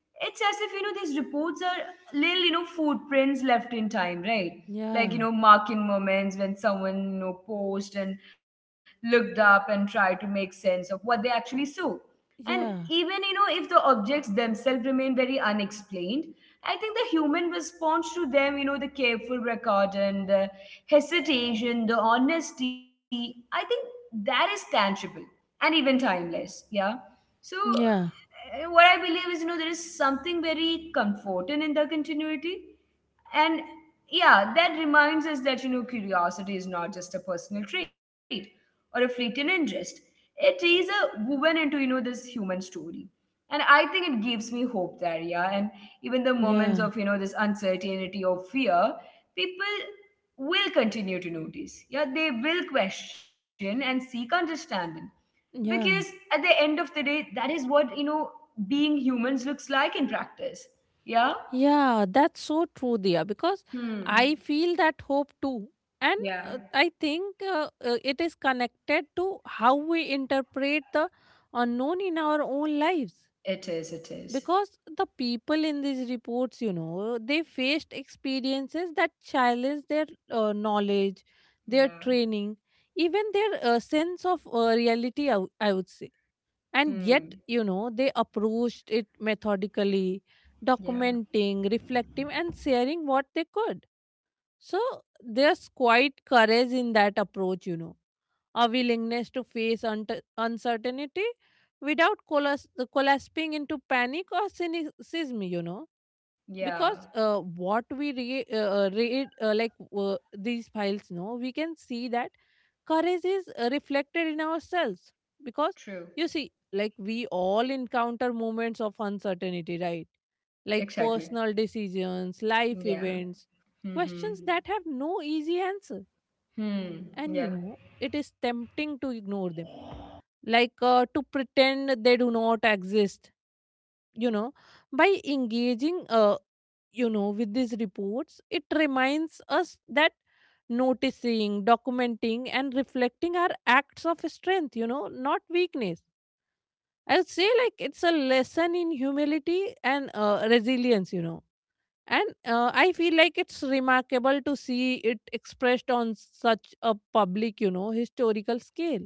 S1: it's as if these reports are little footprints left in time, right? Like
S2: yeah,
S1: marking moments when someone paused and looked up and tried to make sense of what they actually saw. And
S2: yeah.
S1: even, if the objects themselves remain very unexplained, I think the human response to them, the careful record and the hesitation, the honesty, I think that is tangible and even timeless. Yeah. So,
S2: Yeah,
S1: what I believe is, there is something very comforting in the continuity. And yeah, that reminds us that, curiosity is not just a personal trait, or a fleeting interest. It is a woven into this human story, and I think it gives me hope there. Yeah, and even the moments
S2: yeah,
S1: of this uncertainty or fear, people will continue to notice. Yeah, they will question and seek understanding because at
S2: yeah.
S1: the end of the day, that is what being humans looks like in practice. Yeah.
S2: Yeah, that's so true, Dia, because I
S1: Hmm.
S2: feel that hope too. And
S1: Yeah.
S2: I think it is connected to how we interpret the unknown in our own lives.
S1: It is. It is.
S2: Because the people in these reports, you know, they faced experiences that challenged their knowledge, their
S1: Yeah.
S2: training, even their sense of reality, I would say. And
S1: Hmm.
S2: yet, you know, they approached it methodically,
S1: Yeah.
S2: documenting, reflecting, and sharing what they could. So there's quite courage in that approach, you know, a willingness to face uncertainty without collapsing into panic or cynicism, you know.
S1: Yeah.
S2: Because what we read, like these files, no, we can see that courage is reflected in ourselves, because
S1: True.
S2: you see, like, we all encounter moments of uncertainty, right? Like
S1: Exactly.
S2: personal decisions, life
S1: Yeah.
S2: events,
S1: Hmm.
S2: questions that have no easy answer.
S1: Hmm.
S2: And, you
S1: Yeah.
S2: know, it is tempting to ignore them, like, to pretend they do not exist, you know, by engaging, you know, with these reports. It reminds us that noticing, documenting, and reflecting are acts of strength, you know, not weakness. I would say, like, it's a lesson in humility and resilience, you know. And I feel like it's remarkable to see it expressed on such a public, you know, historical scale.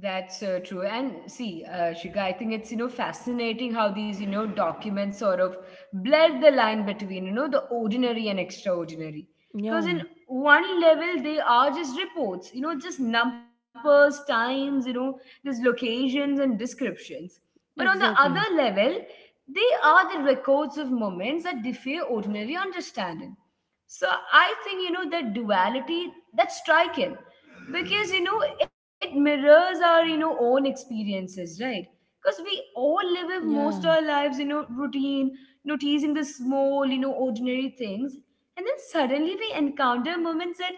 S1: That's true. And see, Shika, I think it's fascinating how these documents sort of blur the line between the ordinary and extraordinary. Because in
S2: Yeah,
S1: one level they are just reports, just numbers, times, there's locations and descriptions. But on the other
S2: exactly.
S1: level, they are the records of moments that defy ordinary understanding. So I think, that duality, that's striking because, it mirrors our, own experiences, right? Because we all live with most our
S2: Yeah,
S1: lives, routine, noticing the small, ordinary things. And then suddenly we encounter moments that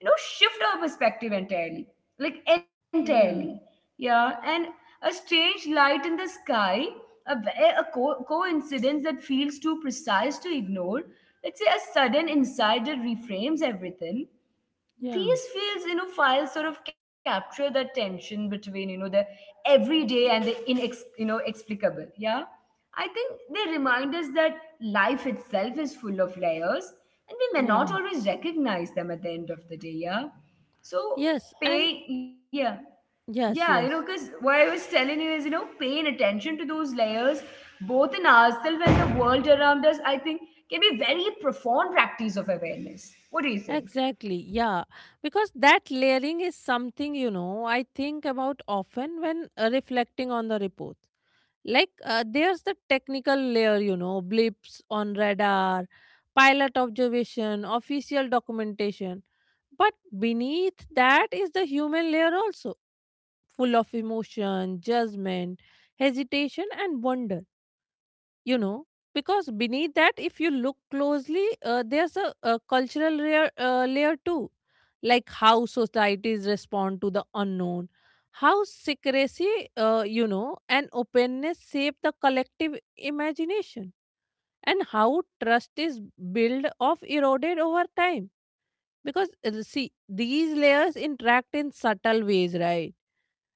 S1: shift our perspective entirely, like entirely,
S2: yeah,
S1: yeah. And a strange light in the sky, a, ve- a co- coincidence that feels too precise to ignore, let's say a sudden insight that reframes everything.
S2: yeah,
S1: These fields you know files sort of capture the tension between the everyday and the inex you know explicable, yeah. I think they remind us that life itself is full of layers, and we may not
S2: yeah.
S1: always recognize them at the end of the day. Yeah. So
S2: Yes, and
S1: pay yeah, yeah,
S2: yes,
S1: because
S2: yes.
S1: what I was telling you is, paying attention to those layers, both in ourselves and the world around us, I think can be very profound practice of awareness. What do you think?
S2: Exactly, yeah. Because that layering is something, you know, I think about often when reflecting on the report. Like, there's the technical layer, you know, blips on radar, pilot observation, official documentation. But beneath that is the human layer also, full of emotion, judgment, hesitation, and wonder, you know. Because beneath that, if you look closely, there's a cultural layer too, like how societies respond to the unknown, how secrecy, you know, and openness shape the collective imagination, and how trust is built of eroded over time. Because see, these layers interact in subtle ways, right?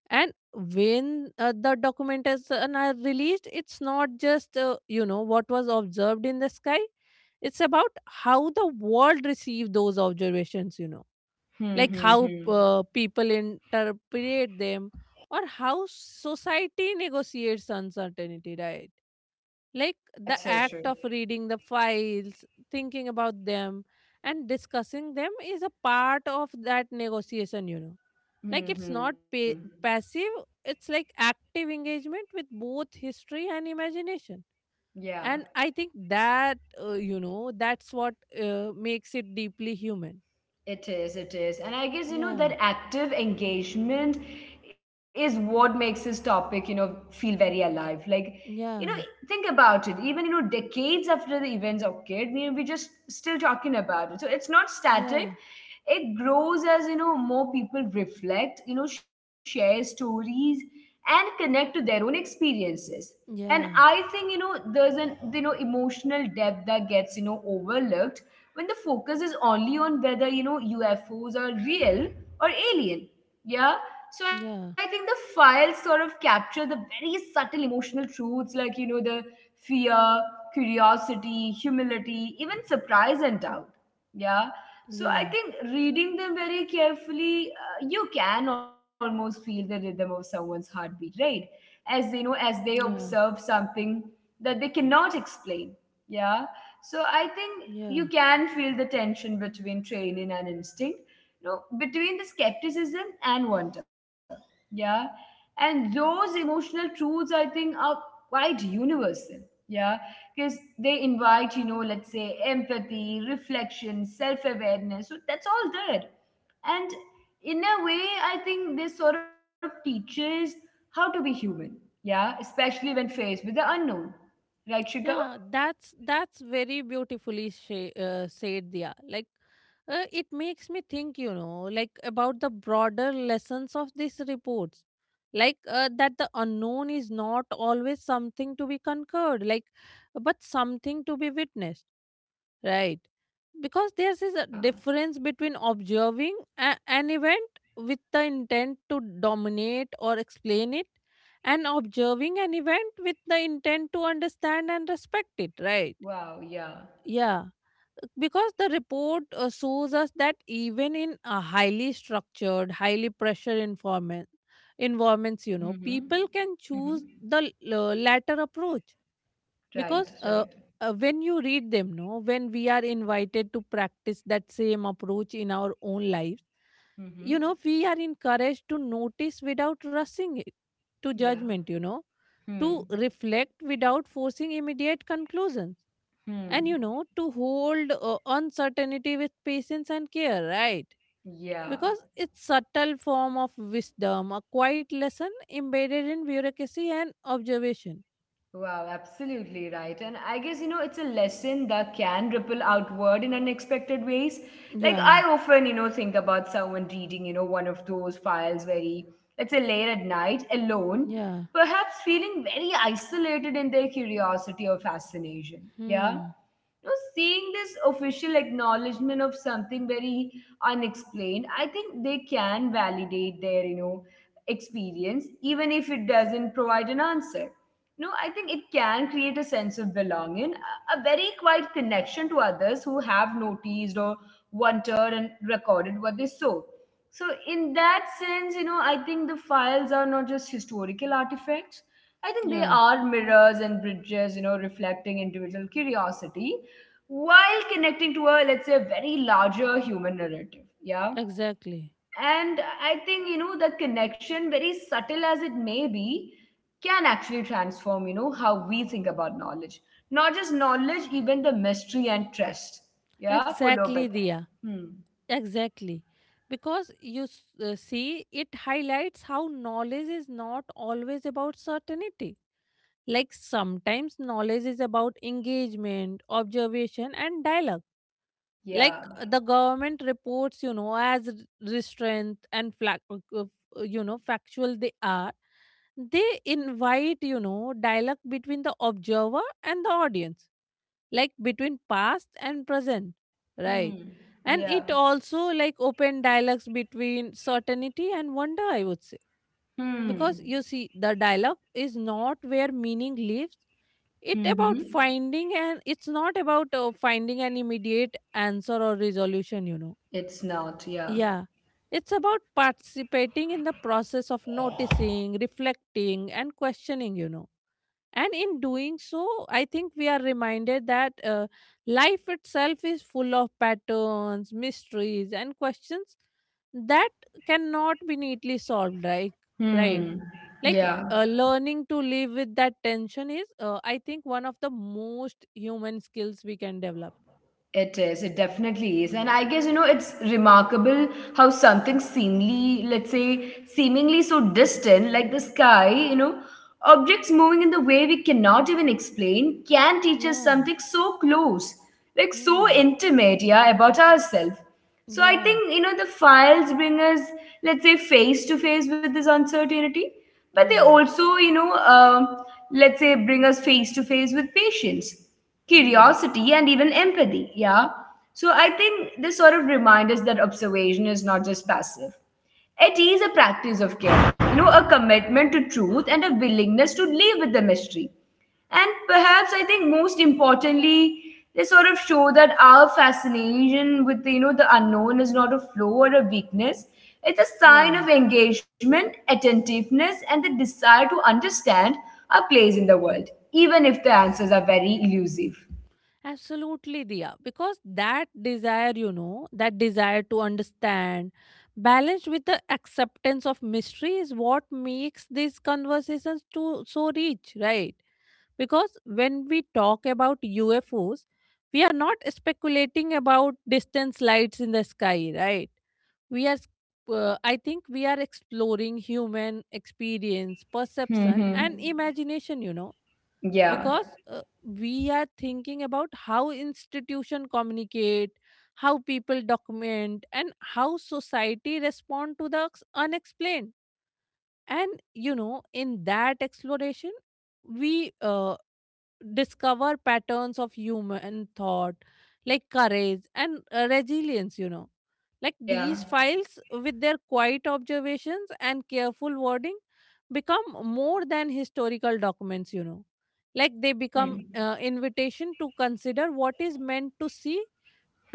S2: And when the documentaries are released, it's not just, you know, what was observed in the sky. It's about how the world received those observations, you know. Like how
S1: Mm-hmm.
S2: people interpret them, or how society negotiates uncertainty, right? Like
S1: That's
S2: the
S1: so true.
S2: act of reading the files, thinking about them, and discussing them is a part of that negotiation, you know. Like it's
S1: Mm-hmm.
S2: not passive, it's like active engagement with both history and imagination.
S1: Yeah,
S2: And I think that, you know, that's what makes it deeply human.
S1: it is. It is. And I guess,
S2: Yeah,
S1: that active engagement is what makes this topic, feel very alive. Like, you know,
S2: yeah,
S1: think about it. Even, decades after the events occurred, we're just still talking about it. So it's not static.
S2: yeah,
S1: It grows as, more people reflect, share stories and connect to their own experiences. And I
S2: yeah,
S1: think there's an emotional depth that gets overlooked when the focus is only on whether UFOs are real or alien, yeah. So I think the
S2: yeah,
S1: files sort of capture the very subtle emotional truths, like the fear, curiosity, humility, even surprise and doubt, yeah. So I
S2: yeah,
S1: think reading them very carefully, you can almost feel the rhythm of someone's heartbeat, right, as as they
S2: yeah,
S1: observe something that they cannot explain, yeah. So I think you
S2: yeah.
S1: can feel the tension between training and instinct, between the skepticism and wonder, yeah. And those emotional truths, I think, are quite universal, yeah. Because they invite, let's say, empathy, reflection, self-awareness, so that's all there. And in a way, I think this sort of teaches how to be human, yeah, especially when faced with the unknown. Right, Shiga?
S2: Yeah, that's very beautifully said, Dia. Like, it makes me think, you know, like about the broader lessons of these reports, like that the unknown is not always something to be conquered, like, but something to be witnessed. Right. Because there's a
S1: Yeah.
S2: difference between observing an event with the intent to dominate or explain it, and observing an event with the intent to understand and respect it, right?
S1: Wow, yeah.
S2: Yeah. Because the report shows us that even in a highly structured, highly pressure environment, environments, you
S1: Mm-hmm.
S2: know, people can
S1: Mm-hmm.
S2: choose the latter approach.
S1: Right,
S2: Because
S1: right.
S2: when you read them, no, when we are invited to practice that same approach in our own lives,
S1: Mm-hmm.
S2: you know, we are encouraged to notice without rushing it to
S1: Yeah.
S2: judgment, you know,
S1: Hmm.
S2: to reflect without forcing immediate conclusions, and,
S1: Hmm.
S2: you know, to hold uncertainty with patience and care, right?
S1: Yeah.
S2: Because it's subtle form of wisdom, a quiet lesson embedded in bureaucracy and observation.
S1: Wow, absolutely right. And I guess, it's a lesson that can ripple outward in unexpected ways. Like,
S2: Yeah.
S1: I often, think about someone reading, one of those files very, let's say, late at night, alone,
S2: Yeah.
S1: perhaps feeling very isolated in their curiosity or fascination. Yeah,
S2: Hmm.
S1: seeing this official acknowledgement of something very unexplained, I think they can validate their, experience, even if it doesn't provide an answer. No, I think it can create a sense of belonging, a very quiet connection to others who have noticed or wondered and recorded what they saw. So, in that sense, I think the files are not just historical artifacts. I think they
S2: Yeah,
S1: are mirrors and bridges, reflecting individual curiosity while connecting to a, let's say, a very larger human narrative, yeah.
S2: exactly.
S1: And I think the connection, very subtle as it may be, can actually transform how we think about knowledge, not just knowledge, even the mystery and trust, yeah, followed by
S2: Exactly,
S1: that.
S2: Dia.
S1: Hmm.
S2: Exactly. Because you see, it highlights how knowledge is not always about certainty. Like sometimes knowledge is about engagement, observation, and dialogue. Like
S1: Yeah.
S2: the government reports, you know, as restraint and you know, factual they are, they invite, you know, dialogue between the observer and the audience, like between past and present, right?
S1: Hmm.
S2: And
S1: Yeah.
S2: it also like open dialogues between certainty and wonder, I would say.
S1: Hmm.
S2: Because you see the dialogue is not where meaning lives. It
S1: Mm-hmm.
S2: about finding, and it's not about finding an immediate answer or resolution, you know.
S1: It's not. Yeah.
S2: Yeah. It's about participating in the process of noticing, reflecting, and questioning, you know. And in doing so, I think we are reminded that life itself is full of patterns, mysteries, and questions that cannot be neatly solved, like. Right.
S1: Hmm.
S2: Like
S1: Yeah.
S2: learning to live with that tension is, I think, one of the most human skills we can develop.
S1: It is. It definitely is. And I guess, it's remarkable how something seemingly, let's say, seemingly so distant, like the sky, objects moving in the way we cannot even explain can teach us
S2: Yeah.
S1: something so close, like so
S2: Hmm.
S1: intimate, yeah, about ourselves. So I
S2: Yeah,
S1: think, the files bring us, let's say, face to face with this uncertainty, but they
S2: yeah,
S1: also, let's say, bring us face to face with patience,
S2: yeah,
S1: curiosity, and even empathy, yeah. So I think this sort of reminds us that observation is not just passive. It is a practice of care, a commitment to truth and a willingness to live with the mystery. And perhaps, I think most importantly, they sort of show that our fascination with the the unknown is not a flaw or a weakness. It's a sign
S2: yeah.
S1: of engagement, attentiveness, and the desire to understand our place in the world, even if the answers are very elusive.
S2: Absolutely, Diya. Because that desire, you know, that desire to understand, balanced with the acceptance of mystery, is what makes these conversations too, so rich, right? Because when we talk about UFOs, we are not speculating about distance lights in the sky, right? We are, I think, we are exploring human experience,
S1: Hmm.
S2: perception,
S1: Hmm.
S2: and imagination, you know.
S1: Yeah.
S2: Because we are thinking about how institution communicate, how people document, and how society respond to the unexplained. And, you know, in that exploration, we discover patterns of human thought, like courage and resilience, you know. Like
S1: Yeah.
S2: these files, with their quiet observations and careful wording, become more than historical documents, you know. Like they become
S1: Hmm.
S2: invitation to consider what is meant to see,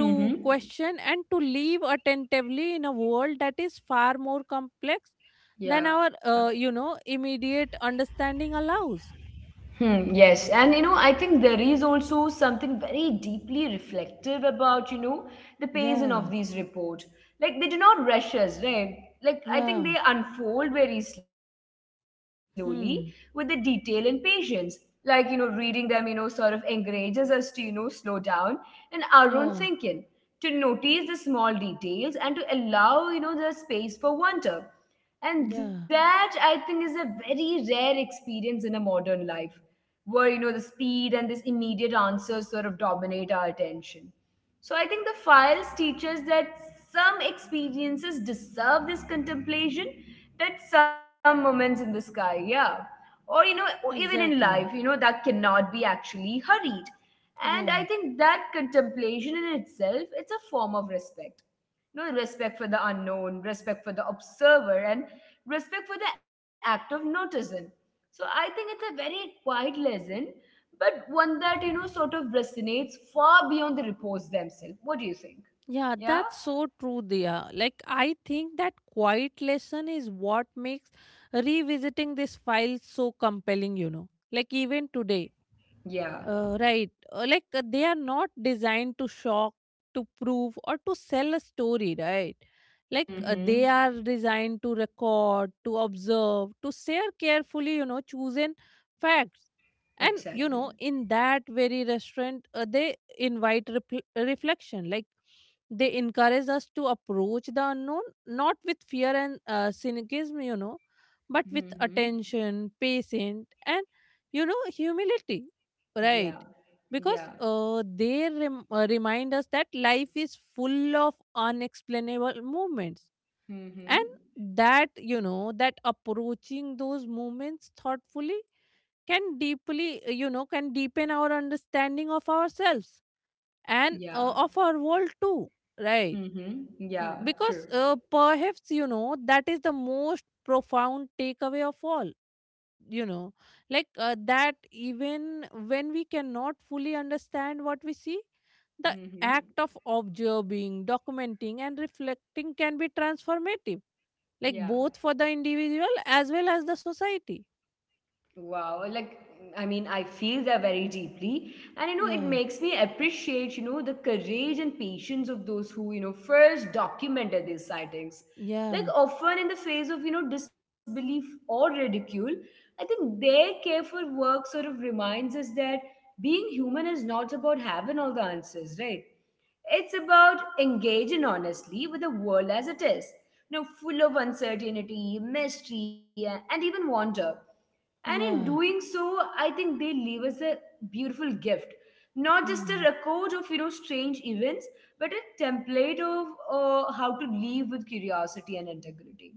S1: Hmm. Hmm.
S2: question, and to live attentively in a world that is far more complex than
S1: Yeah.
S2: our, you know, immediate understanding allows.
S1: Hmm, yes. And I think there is also something very deeply reflective about, the pacing of
S2: Yeah.
S1: these report. Like they do not rush us, right? Like I think
S2: Yeah.
S1: they unfold very slowly with the detail and
S2: Hmm.
S1: patience. Like, reading them, sort of encourages us to, slow down and our own
S2: Yeah.
S1: thinking, to notice the small details and to allow, the space for wonder. And
S2: Yeah.
S1: that, I think, is a very rare experience in a modern life where the speed and this immediate answers sort of dominate our attention. So I think the files teach us that some experiences deserve this contemplation, that some moments in the sky, yeah. Or even in life,
S2: Exactly.
S1: that cannot be actually hurried. And I
S2: Yeah.
S1: think that contemplation in itself, it's a form of respect, no, respect for the unknown, respect for the observer, and respect for the act of noticing. So I think it's a very quiet lesson, but one that sort of resonates far beyond the reports themselves. What do you think?
S2: Yeah.
S1: Yeah.
S2: That's so true, Dia. Like, I think that quiet lesson is what makes revisiting this file so compelling, you know. Like, even today.
S1: Yeah.
S2: Right. Like they are not designed to shock, to prove, or to sell a story, right? Like they are
S1: Mm-hmm.
S2: designed to record, to observe, to share carefully, you know, chosen facts. And, you
S1: Exactly.
S2: know, in that very restaurant, they invite repl reflection. Like they encourage us to approach the unknown, not with fear and cynicism, you know, but with
S1: Mm-hmm.
S2: attention, patience, and, you know, humility. Right.
S1: Yeah.
S2: Because
S1: Yeah.
S2: they remind us that life is full of unexplainable movements. And
S1: Mm-hmm.
S2: that, you know, that approaching those movements thoughtfully can deeply, you know, can deepen our understanding of ourselves and
S1: Yeah.
S2: of our world too. Right.
S1: Mm-hmm. Yeah.
S2: Because
S1: True.
S2: perhaps, you know, that is the most profound takeaway of all, you know. Like that even when we cannot fully understand what we see, the
S1: Mm-hmm.
S2: act of observing, documenting, and reflecting can be transformative, like
S1: Yeah.
S2: both for the individual as well as the society.
S1: Wow, like, I mean, I feel that very deeply, and it
S2: Yeah.
S1: makes me appreciate the courage and patience of those who first documented these sightings.
S2: Yeah.
S1: Like often in the face of disbelief or ridicule, I think their careful work sort of reminds us that being human is not about having all the answers, right? It's about engaging honestly with the world as it is, full of uncertainty, mystery, and even wonder. And in doing
S2: Yeah.
S1: so, I think they leave us a beautiful gift, not just a
S2: Hmm.
S1: record of strange events, but a template of how to live with curiosity and integrity.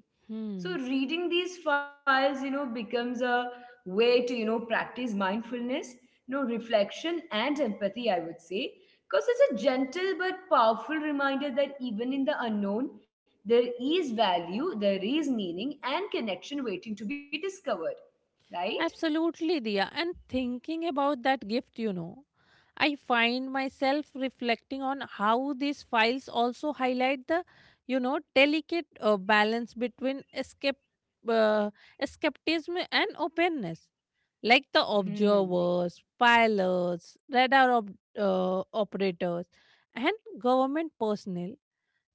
S1: So
S2: Hmm.
S1: reading these files, becomes a way to, practice mindfulness, reflection and empathy, I would say. Because it's a gentle but powerful reminder that even in the unknown, there is value, there is meaning and connection waiting to be discovered. Right?
S2: Absolutely, Dia, and thinking about that gift, you know, I find myself reflecting on how these files also highlight the, you know, delicate balance between uh, escapism and openness. Like the
S1: Hmm.
S2: observers, pilots, radar operators, and government personnel,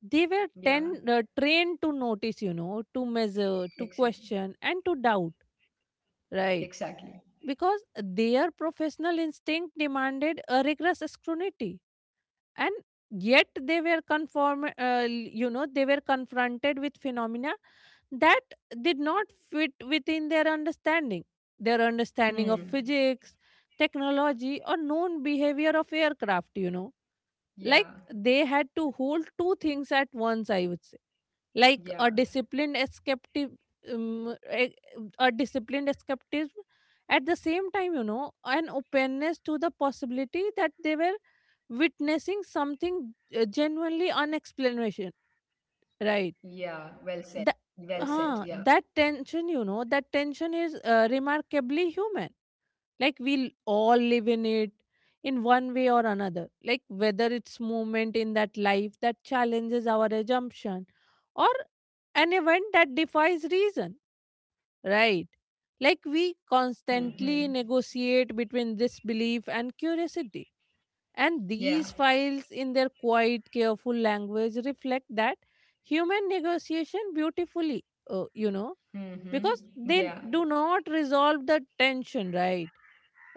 S2: they were
S1: Yeah,
S2: trained to notice, you know, to measure, to
S1: exactly.
S2: question, and to doubt, right?
S1: Exactly.
S2: Because their professional instinct demanded a rigorous scrutiny, and yet they were conform you know, they were confronted with phenomena that did not fit within their understanding, their understanding of
S1: Hmm.
S2: physics, technology, or known behavior of aircraft, you know. Like
S1: Yeah.
S2: they had to hold two things at once, I would say. Like
S1: Yeah.
S2: um, e- a disciplined escapism, at the same time, you know, an openness to the possibility that they were witnessing something genuinely unexplanation, right?
S1: Yeah. Well said.
S2: that,
S1: Well said.
S2: Huh.
S1: Yeah.
S2: That tension, you know, that tension is remarkably human. Like we'll all live in it, in one way or another, like whether it's moment in that life that challenges our assumption, or an event that defies reason, right? Like we
S1: Hmm.
S2: constantly
S1: Hmm.
S2: negotiate between this belief and curiosity. And
S1: Yeah.
S2: these files, in their quiet, careful language, reflect that human negotiation beautifully, you know.
S1: Mm-hmm.
S2: Because they
S1: Yeah.
S2: do not resolve the tension, right?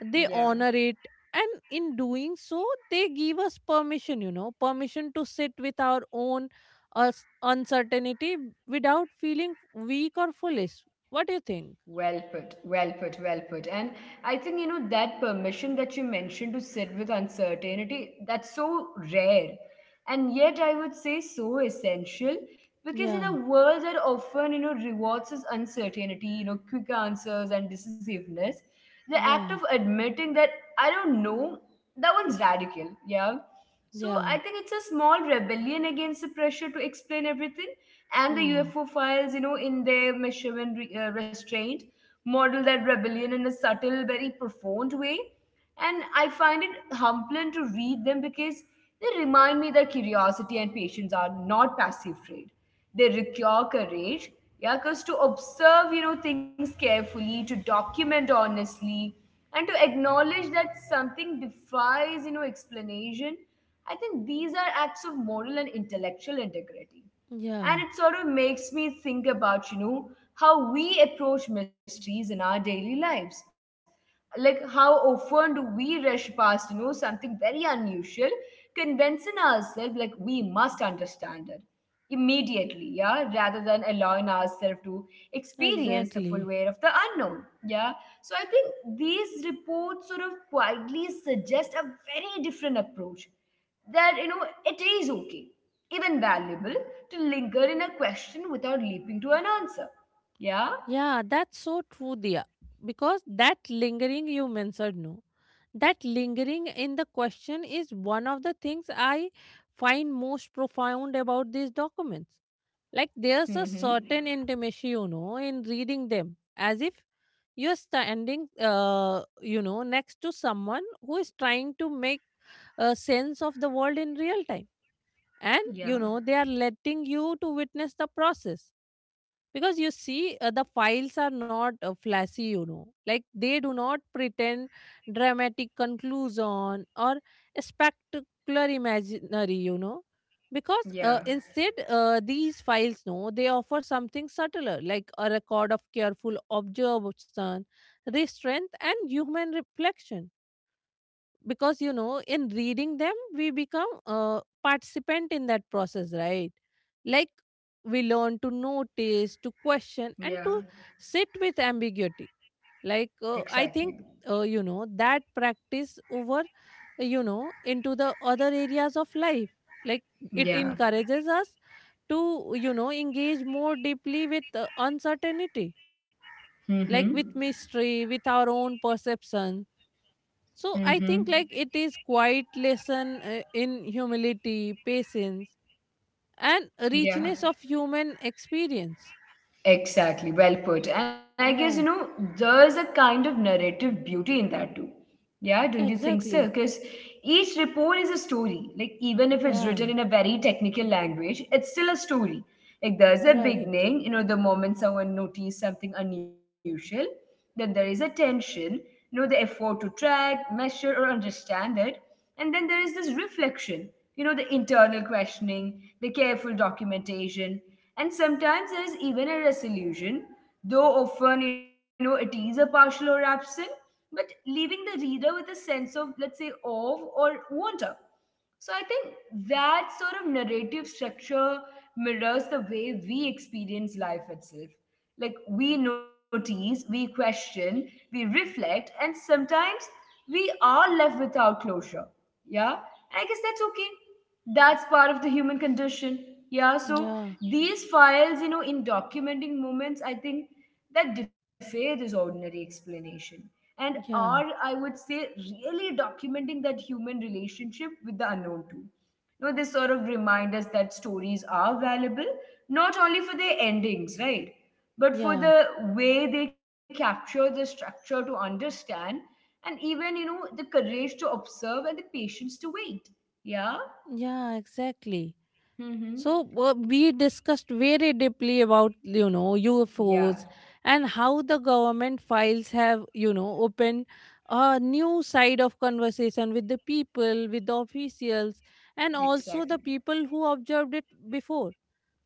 S2: They
S1: Yeah.
S2: honor it. And in doing so, they give us permission, you know, permission to sit with our own uh, uncertainty without feeling weak or foolish. What do you think?
S1: Well put, well put, well put. And I think, that permission that you mentioned to sit with uncertainty, that's so rare. And yet, I would say so essential, because in a
S2: Yeah,
S1: world that often, rewards us uncertainty, quick answers and decisiveness, the act
S2: yeah,
S1: of admitting that I don't know, that one's radical, yeah. So
S2: yeah.
S1: I think it's a small rebellion against the pressure to explain everything, and the
S2: Hmm.
S1: UFO files, in their measurement restraint, model that rebellion in a subtle, very profound way. And I find it humbling to read them because they remind me that curiosity and patience are not passive trait. They require courage, yeah, because to observe, things carefully, to document honestly, and to acknowledge that something defies, explanation. I think these are acts of moral and intellectual integrity, and
S2: Yeah,
S1: it sort of makes me think about how we approach mysteries in our daily lives, like how often do we rush past something very unusual, convincing ourselves like we must understand it immediately, yeah, rather than allowing ourselves to experience the full
S2: exactly.
S1: weight of the unknown, yeah. So I think these reports sort of quietly suggest a very different approach, that it is okay, even valuable, to linger in a question without leaping to an answer, yeah.
S2: Yeah, that's so true, Dia. Because that lingering you mentioned, no, that lingering in the question is one of the things I find most profound about these documents. Like there's a
S1: Mm-hmm.
S2: certain intimacy, you know, in reading them, as if you're standing, you know, next to someone who is trying to make a sense of the world in real time. And, you
S1: Yeah.
S2: know, they are letting you to witness the process. Because you see, the files are not flashy, you know. Like they do not pretend dramatic conclusion or spectacular imaginary, you know. Because
S1: Yeah.
S2: instead, these files, no, they offer something subtler, like a record of careful observation, restraint, and human reflection. Because, you know, in reading them we become a participant in that process, right? Like we learn to notice, to question, and to
S1: Yeah.
S2: sit with ambiguity. Like, I think,
S1: Exactly.
S2: you know, that practice over, you know, into the other areas of life, like it
S1: Yeah.
S2: encourages us to, you know, engage more deeply with uncertainty,
S1: Mm-hmm.
S2: like with mystery, with our own perception. So I think
S1: Mm-hmm.
S2: like it is quite lesson in humility, patience, and richness
S1: Yeah.
S2: of human experience.
S1: Exactly, well put. And I guess,
S2: Yeah,
S1: there's a kind of narrative beauty in that too. Yeah, don't you think so?
S2: exactly.
S1: Because each report is a story. Like, even if it's
S2: Yeah,
S1: written in a very technical language, it's still a story. Like, there's a
S2: right.
S1: beginning, the moment someone noticed something unusual, that there is a tension, the effort to track, measure, or understand it. And then there is this reflection, the internal questioning, the careful documentation. And sometimes there is even a resolution, though often, it is a partial or absent, but leaving the reader with a sense of, let's say, of or wonder. So I think that sort of narrative structure mirrors the way we experience life itself. Like we notice, we question, we reflect, and sometimes we are left without closure. Yeah, I guess that's okay, that's part of the human condition, yeah. So
S2: Yeah,
S1: these files, in documenting moments, I think, that defy this ordinary explanation, and are,
S2: yeah,
S1: I would say, really documenting that human relationship with the unknown too. They sort of remind us that stories are valuable not only for their endings, right? But for
S2: yeah,
S1: the way they capture the structure to understand, and even the courage to observe and the patience to wait. Yeah.
S2: yeah, exactly. So
S1: Mm-hmm.
S2: we discussed very deeply about, you know, UFOs,
S1: Yeah,
S2: and how the government files have, you know, opened a new side of conversation with the people, with the officials, and also the
S1: exactly.
S2: people who observed it before.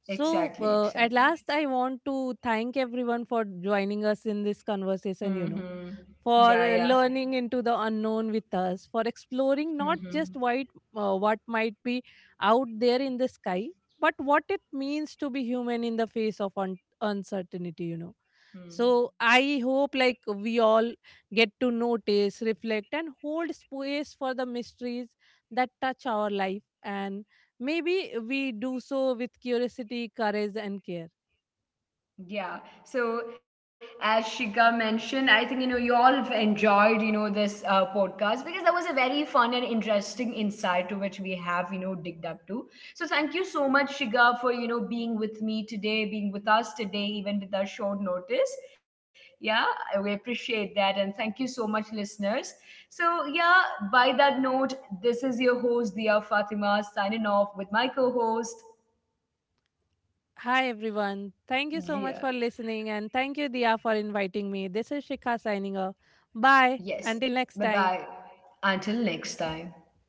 S2: So at
S1: Exactly,
S2: last, I
S1: exactly.
S2: want to thank everyone for joining us in this conversation. You know,
S1: Mm-hmm.
S2: for
S1: Yeah, yeah.
S2: learning into the unknown with us, for exploring not just
S1: Mm-hmm.
S2: what might be out there in the sky, but what it means to be human in the face of uncertainty, you know. So
S1: Mm.
S2: I hope, like, we all get to notice, reflect, and hold space for the mysteries that touch our life. And maybe we do so with curiosity, courage, and care.
S1: Yeah. So as Shika mentioned, I think you all have enjoyed this podcast, because that was a very fun and interesting insight to which we have digged up to. So thank you so much, Shika, for being with me today, being with us today, even with our short notice. Yeah, we appreciate that, and thank you so much, listeners. So yeah, by that note, this is your host Dia Fatima signing off with my co-host.
S2: Hi, everyone. Thank you so much for
S1: Yeah.
S2: listening, and thank you, Dia, for inviting me. This is Shikha signing off. Bye. Until
S1: Yes.
S2: next
S1: Bye
S2: time.
S1: bye. Until next time.